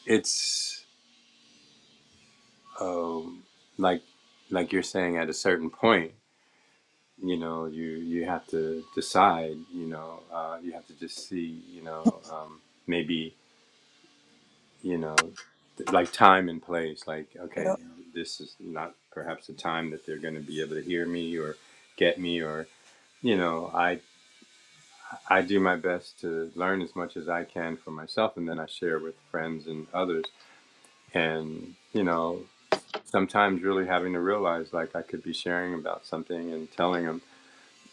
Speaker 3: it's um, like like you're saying at a certain point. You know, you you have to decide. You know, uh, you have to just see. You know, um, maybe you know th- like time and place like okay
Speaker 2: Yep,
Speaker 3: this is not perhaps the time that they're going to be able to hear me or get me or you know i i do my best to learn as much as i can for myself and then i share with friends and others and you know sometimes really having to realize like i could be sharing about something and telling them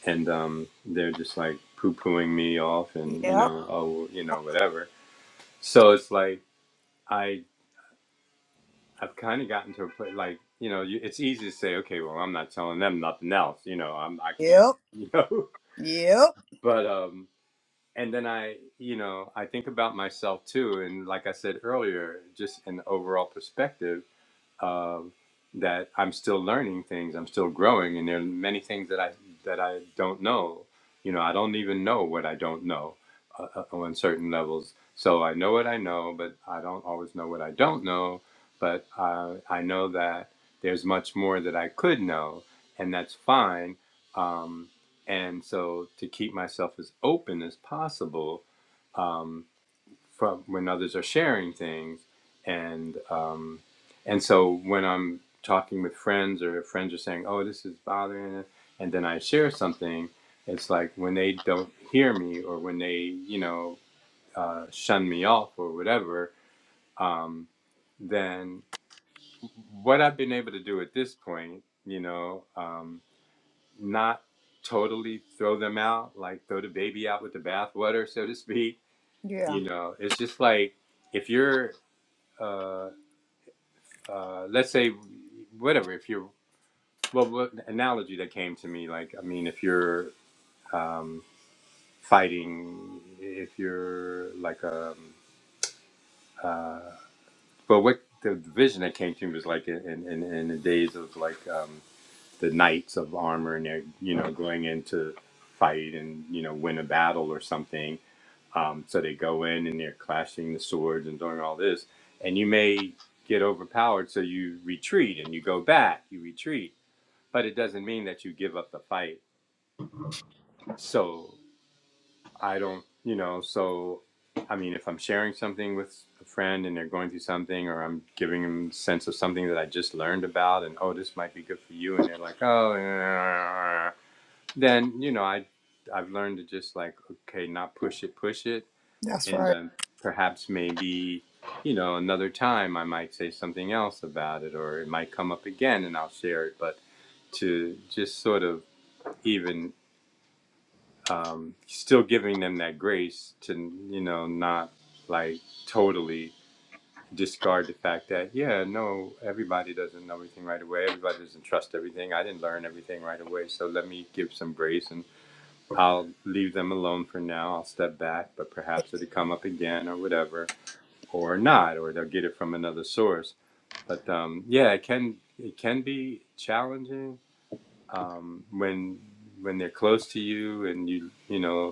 Speaker 3: and um, they're just like poo-pooing me off and you
Speaker 2: yep,
Speaker 3: know oh you know whatever so it's like I I've kind of gotten to a place like you know you, it's easy to say okay well I'm not telling them nothing else you know I'm I can't
Speaker 2: yep,
Speaker 3: you know
Speaker 2: yep.
Speaker 3: but um and then I you know I think about myself too and like I said earlier just an overall perspective uh, that I'm still learning things, I'm still growing, and there are many things that I that I don't know. You know, I don't even know what I don't know uh, uh, on certain levels. So I know what I know, but I don't always know what I don't know. But uh, I know that there's much more that I could know, and that's fine. Um, and so to keep myself as open as possible um, from when others are sharing things and um, and so when I'm talking with friends or friends are saying oh this is bothering it and then I share something it's like when they don't hear me or when they you know uh, shun me off or whatever um, then what I've been able to do at this point you know um, not totally throw them out like throw the baby out with the bathwater so to speak
Speaker 2: Yeah,
Speaker 3: you know it's just like if you're uh, uh, let's say whatever if you're well what analogy that came to me like i mean if you're fighting if you're like um but what the vision that came to me was like in in, in the days of like um the knights of armor and they're you know going into fight and you know win a battle or something um so they go in and they're clashing the swords and doing all this and you may get overpowered so you retreat and you go back you retreat but it doesn't mean that you give up the fight So I don't, you know, so I mean, if I'm sharing something with a friend and they're going through something, or I'm giving them a sense of something that I just learned about, and oh, this might be good for you, and they're like, oh, eh," then you know, I I've learned to just like, okay, not push it, push it,
Speaker 2: that's
Speaker 3: and
Speaker 2: right.
Speaker 3: um, perhaps maybe. You know, another time I might say something else about it, or it might come up again, and I'll share it. But to just sort of even um, still giving them that grace to you know not like totally discard the fact that yeah no everybody doesn't know everything right away everybody doesn't trust everything i didn't learn everything right away so let me give some grace and i'll leave them alone for now i'll step back but perhaps it'll come up again or whatever or not or they'll get it from another source but um, yeah it can it can be challenging um, when when they're close to you and you you know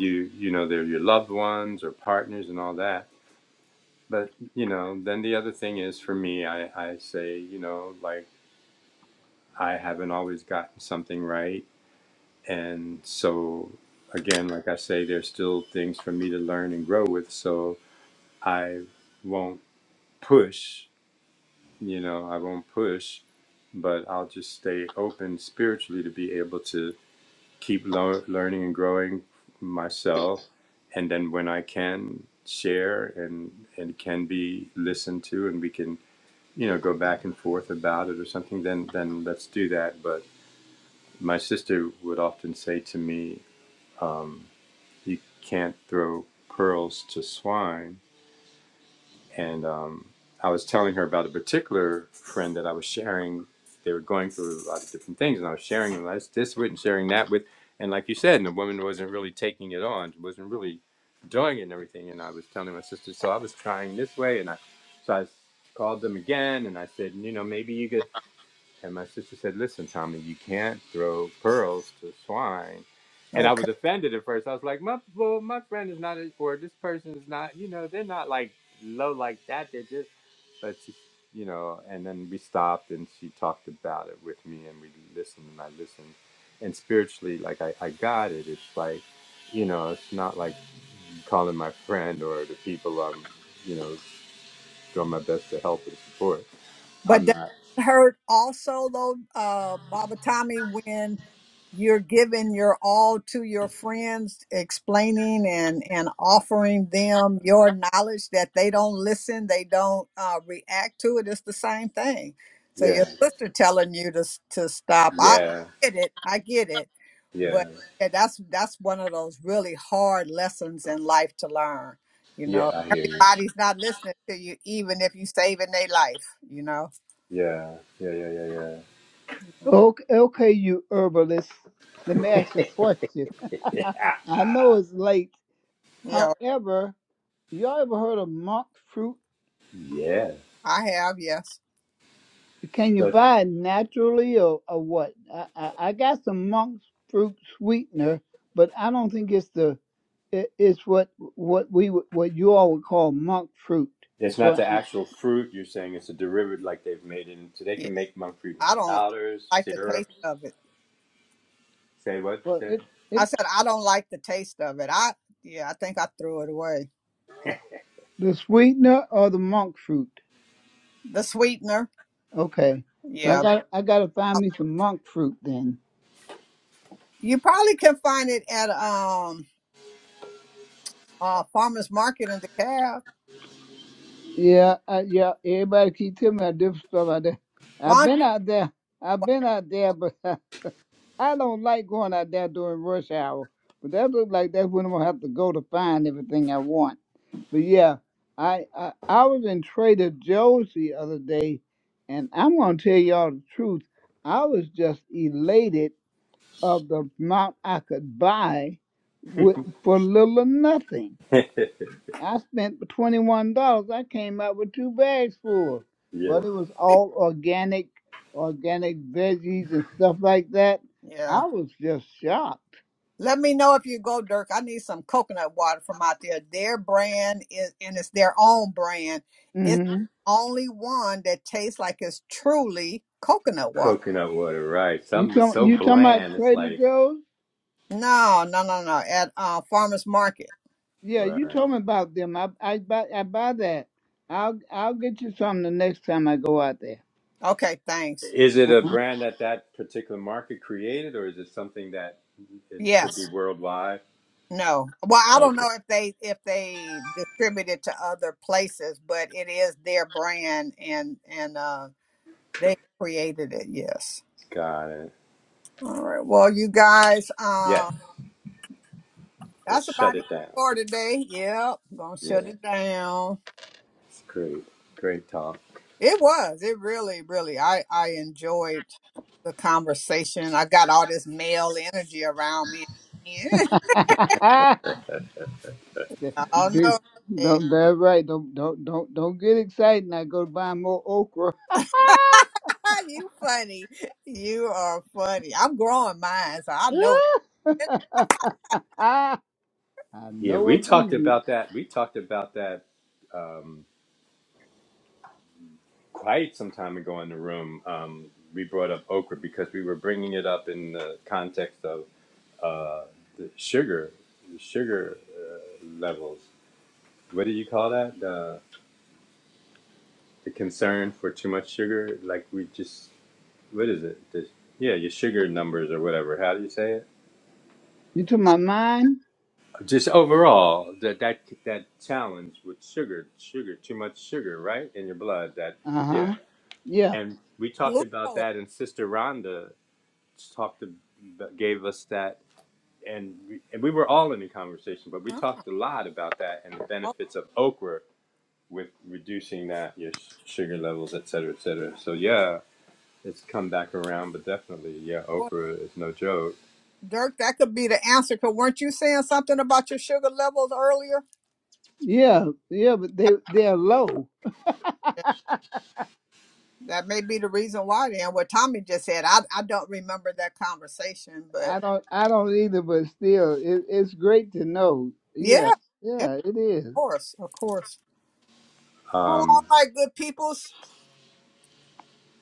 Speaker 3: you you know they're your loved ones or partners and all that but you know the other thing is for me i i say you know like i haven't always gotten something right and so again like i say there's still things for me to learn and grow with so i won't push you know i won't push but i'll just stay open spiritually to be able to keep lo- learning and growing myself and then when I can share and and can be listened to and we can you know go back and forth about it or something then then let's do that but my sister would often say to me um, you can't throw pearls to swine and um, I was telling her about a particular friend that I was sharing. They were going through a lot of different things, and I was sharing this, with and sharing that with, and like you said, and the woman wasn't really taking it on, wasn't really doing it and everything. And I was telling my sister, so I was trying this way, and I so I called them again, and I said, you know, maybe you could. And my sister said, Listen, Tommy, you can't throw pearls to swine. And I
Speaker 2: Okay.
Speaker 3: was offended at first. I was like, My well, my friend is not a- or this person is not, you know, they're not like low like that. They're just but she you know, and then we stopped and she talked about it with me and we listened and I listened. And spiritually, like I, I got it. It's like, you know, it's not like calling my friend or the people I'm, you know, doing my best to help and support.
Speaker 2: But
Speaker 3: I'm
Speaker 2: does
Speaker 3: not.
Speaker 2: it hurt also though, uh, Baba Tommy, when you're giving your all to your friends, explaining and and offering them your knowledge that they don't listen, they don't uh, react to it. It's the same thing. So your
Speaker 3: Yeah.
Speaker 2: sister telling you to s- to stop. I,
Speaker 3: Yeah.
Speaker 2: I get it. I get it.
Speaker 3: Yeah.
Speaker 2: But yeah, that's that's one of those really hard lessons in life to learn. You
Speaker 3: Yeah,
Speaker 2: know,
Speaker 3: I hear you.
Speaker 2: everybody's not listening to you, even if you saving their life. You know.
Speaker 3: Yeah, yeah, yeah, yeah, yeah.
Speaker 2: Mm.
Speaker 1: Okay, okay, you herbalist. Let me ask you a question. I know it's late.
Speaker 2: Yeah,
Speaker 1: However, y'all ever heard of monk fruit?
Speaker 3: Yes.
Speaker 2: I have, yes.
Speaker 1: Can you
Speaker 3: So
Speaker 1: buy it naturally or, or what? I, I, I got some monk fruit sweetener, but I don't think it's the it, it's what what we would- what you all would call monk fruit.
Speaker 3: it's
Speaker 1: So,
Speaker 3: not the
Speaker 1: I-
Speaker 3: actual fruit you're saying, it's a derivative like they've made it into. They
Speaker 2: Yeah.
Speaker 3: can make monk fruit into
Speaker 2: I don't
Speaker 3: powders,
Speaker 2: like the
Speaker 3: syrup.
Speaker 2: taste of it.
Speaker 3: Say what?
Speaker 1: well,
Speaker 3: Say-
Speaker 1: it
Speaker 2: I
Speaker 1: it
Speaker 2: said I don't like the taste of it. I yeah, I think I threw it away.
Speaker 1: the sweetener or the monk fruit.
Speaker 2: The sweetener.
Speaker 1: Okay, so I
Speaker 2: Yeah.
Speaker 1: got I got to find me some monk fruit then.
Speaker 2: You probably can find it at um uh farmers market in DeKalb.
Speaker 1: Yeah, uh, yeah. Everybody keep telling me a different stuff out there.
Speaker 2: Why
Speaker 1: I've
Speaker 2: don't
Speaker 1: been
Speaker 2: you
Speaker 1: out there. I've been out there, but I don't like going out there during rush hour. But that look like that's when I'm gonna have to go to find everything I want. But yeah, I I, I was in Trader Joe's the other day, and I'm gonna tell y'all the truth. I was just elated of the amount I could buy with for little or nothing. I spent twenty-one dollars. I came out with two bags full,
Speaker 3: yes.
Speaker 1: but it was all organic, organic veggies and stuff like that.
Speaker 2: yeah.
Speaker 1: I was just shocked.
Speaker 2: Let me know if you go, Dirk. I need some coconut water from out there. Their brand is and it's their own brand. It's
Speaker 1: hmm
Speaker 2: the only one that tastes like it's truly coconut water.
Speaker 3: Coconut water, right.
Speaker 1: You
Speaker 3: Something but
Speaker 1: talking?
Speaker 3: so
Speaker 1: You talking about
Speaker 3: bland, it's
Speaker 1: Trader
Speaker 3: like,
Speaker 1: Joe's?
Speaker 2: No, no, no, no. At uh, farmers market.
Speaker 1: Yeah,
Speaker 3: right.
Speaker 1: you told me about them. I I buy I buy that. I'll I'll get you some the next time I go out there.
Speaker 2: Okay, thanks.
Speaker 3: is it a brand that that particular market created or is it something that it could be
Speaker 2: Yes.
Speaker 3: worldwide?
Speaker 2: No. Well, I
Speaker 3: Oh,
Speaker 2: don't know if they if they distribute it to other places, but it is their brand and and uh they created it. Yes.
Speaker 3: got it.
Speaker 2: All right. Well, you guys, uh,
Speaker 3: Yes. Let's
Speaker 2: that's
Speaker 3: shut
Speaker 2: about it
Speaker 3: it down.
Speaker 2: for today. Yep. Gonna
Speaker 3: Yeah.
Speaker 2: shut it down.
Speaker 3: Great. Great talk.
Speaker 2: It was. It really, really. I I enjoyed the conversation. I got all this male energy around me. Oh
Speaker 1: Dude,
Speaker 2: no.
Speaker 1: don't, that's right. Don't don't don't don't get excited. I go buy more okra.
Speaker 2: you funny. You are funny. I'm growing mine, so I know it. It's
Speaker 1: I
Speaker 3: Yeah,
Speaker 1: know
Speaker 3: we
Speaker 1: what you
Speaker 3: talked
Speaker 1: mean.
Speaker 3: about that. We talked about that quite some time ago in the room, um, we brought up okra because we were bringing it up in the context of the sugar, the sugar uh, levels. What do you call that? The, the concern for too much sugar? Like we just, what is it? The, yeah, your sugar numbers or whatever. How do you say it?
Speaker 1: You to
Speaker 2: my
Speaker 1: my mind?
Speaker 3: Just overall, that that that challenge with sugar, sugar, too much sugar, right, in your blood. That
Speaker 1: Uh
Speaker 3: yeah,
Speaker 1: huh. Yeah,
Speaker 3: and we talked about
Speaker 2: glucose.
Speaker 3: that, and Sister Rhonda talked, to, gave us that and we, and we were all in the conversation, but we
Speaker 2: Huh?
Speaker 3: talked a lot about that and the
Speaker 2: Oh,
Speaker 3: benefits of okra with reducing that your s- sugar levels, et cetera, et cetera. So yeah, it's come back around, but definitely, yeah,
Speaker 2: boy.
Speaker 3: okra is no joke.
Speaker 2: Dirk, that could be the answer. Cause weren't you saying something about your sugar levels earlier?
Speaker 1: yeah, yeah. But
Speaker 2: I-
Speaker 1: they they're low.
Speaker 2: That may be the reason why. Then what Tommy just said, I I don't remember that conversation, but
Speaker 1: I don't I don't either. But still, it, it's great to know.
Speaker 2: yeah,
Speaker 1: Yeah,
Speaker 2: yeah,
Speaker 1: yeah,
Speaker 2: of
Speaker 1: it is.
Speaker 2: course, of course. Well, all
Speaker 3: Um,
Speaker 2: right, good peoples.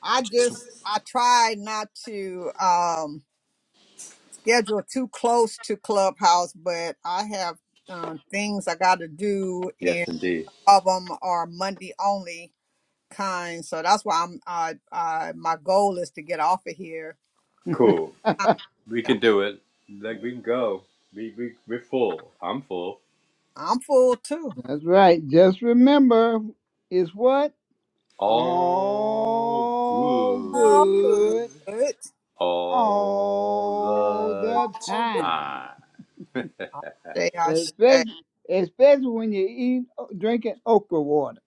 Speaker 2: I just I try not to. um schedule too close to Clubhouse, but I have um, things I got to do, and
Speaker 3: yes, indeed.
Speaker 2: of them are Monday only kind. So that's why I'm. I, I my goal is to get off of here.
Speaker 3: Cool.
Speaker 2: I,
Speaker 3: We can do it. Like we can go. We we we're full. I'm full.
Speaker 2: I'm full too.
Speaker 1: That's right. Just remember, it's what
Speaker 3: All
Speaker 1: all
Speaker 2: All good.
Speaker 3: good.
Speaker 1: good
Speaker 3: All
Speaker 1: all
Speaker 3: the
Speaker 1: the
Speaker 2: All good.
Speaker 1: time,
Speaker 3: time.
Speaker 2: All day I say.
Speaker 1: especially especially when you eat drinking okra water.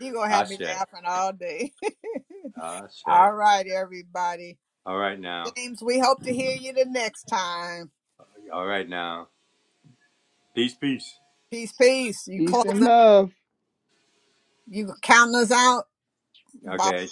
Speaker 2: You gonna have me
Speaker 3: Ashe.
Speaker 2: laughing all day.
Speaker 3: Ashe.
Speaker 2: all right, everybody.
Speaker 3: All right now.
Speaker 2: James, we hope to hear you the next time.
Speaker 3: All right now. Peace, peace.
Speaker 2: Peace, peace. You
Speaker 1: Peace and
Speaker 2: closing?
Speaker 1: love.
Speaker 2: You counting us out? Bye.
Speaker 3: Okay.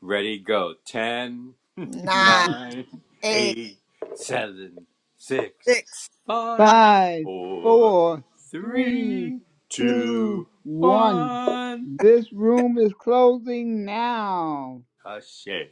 Speaker 3: Ready, go. Ten,
Speaker 2: nine,
Speaker 3: nine,
Speaker 2: eight,
Speaker 3: eight, seven, six,
Speaker 2: six,
Speaker 3: five,
Speaker 2: five.
Speaker 1: five,
Speaker 3: four,
Speaker 1: four, three,
Speaker 3: three,
Speaker 1: two,
Speaker 3: two,
Speaker 1: one.
Speaker 3: one.
Speaker 1: This room is closing now.
Speaker 3: 9,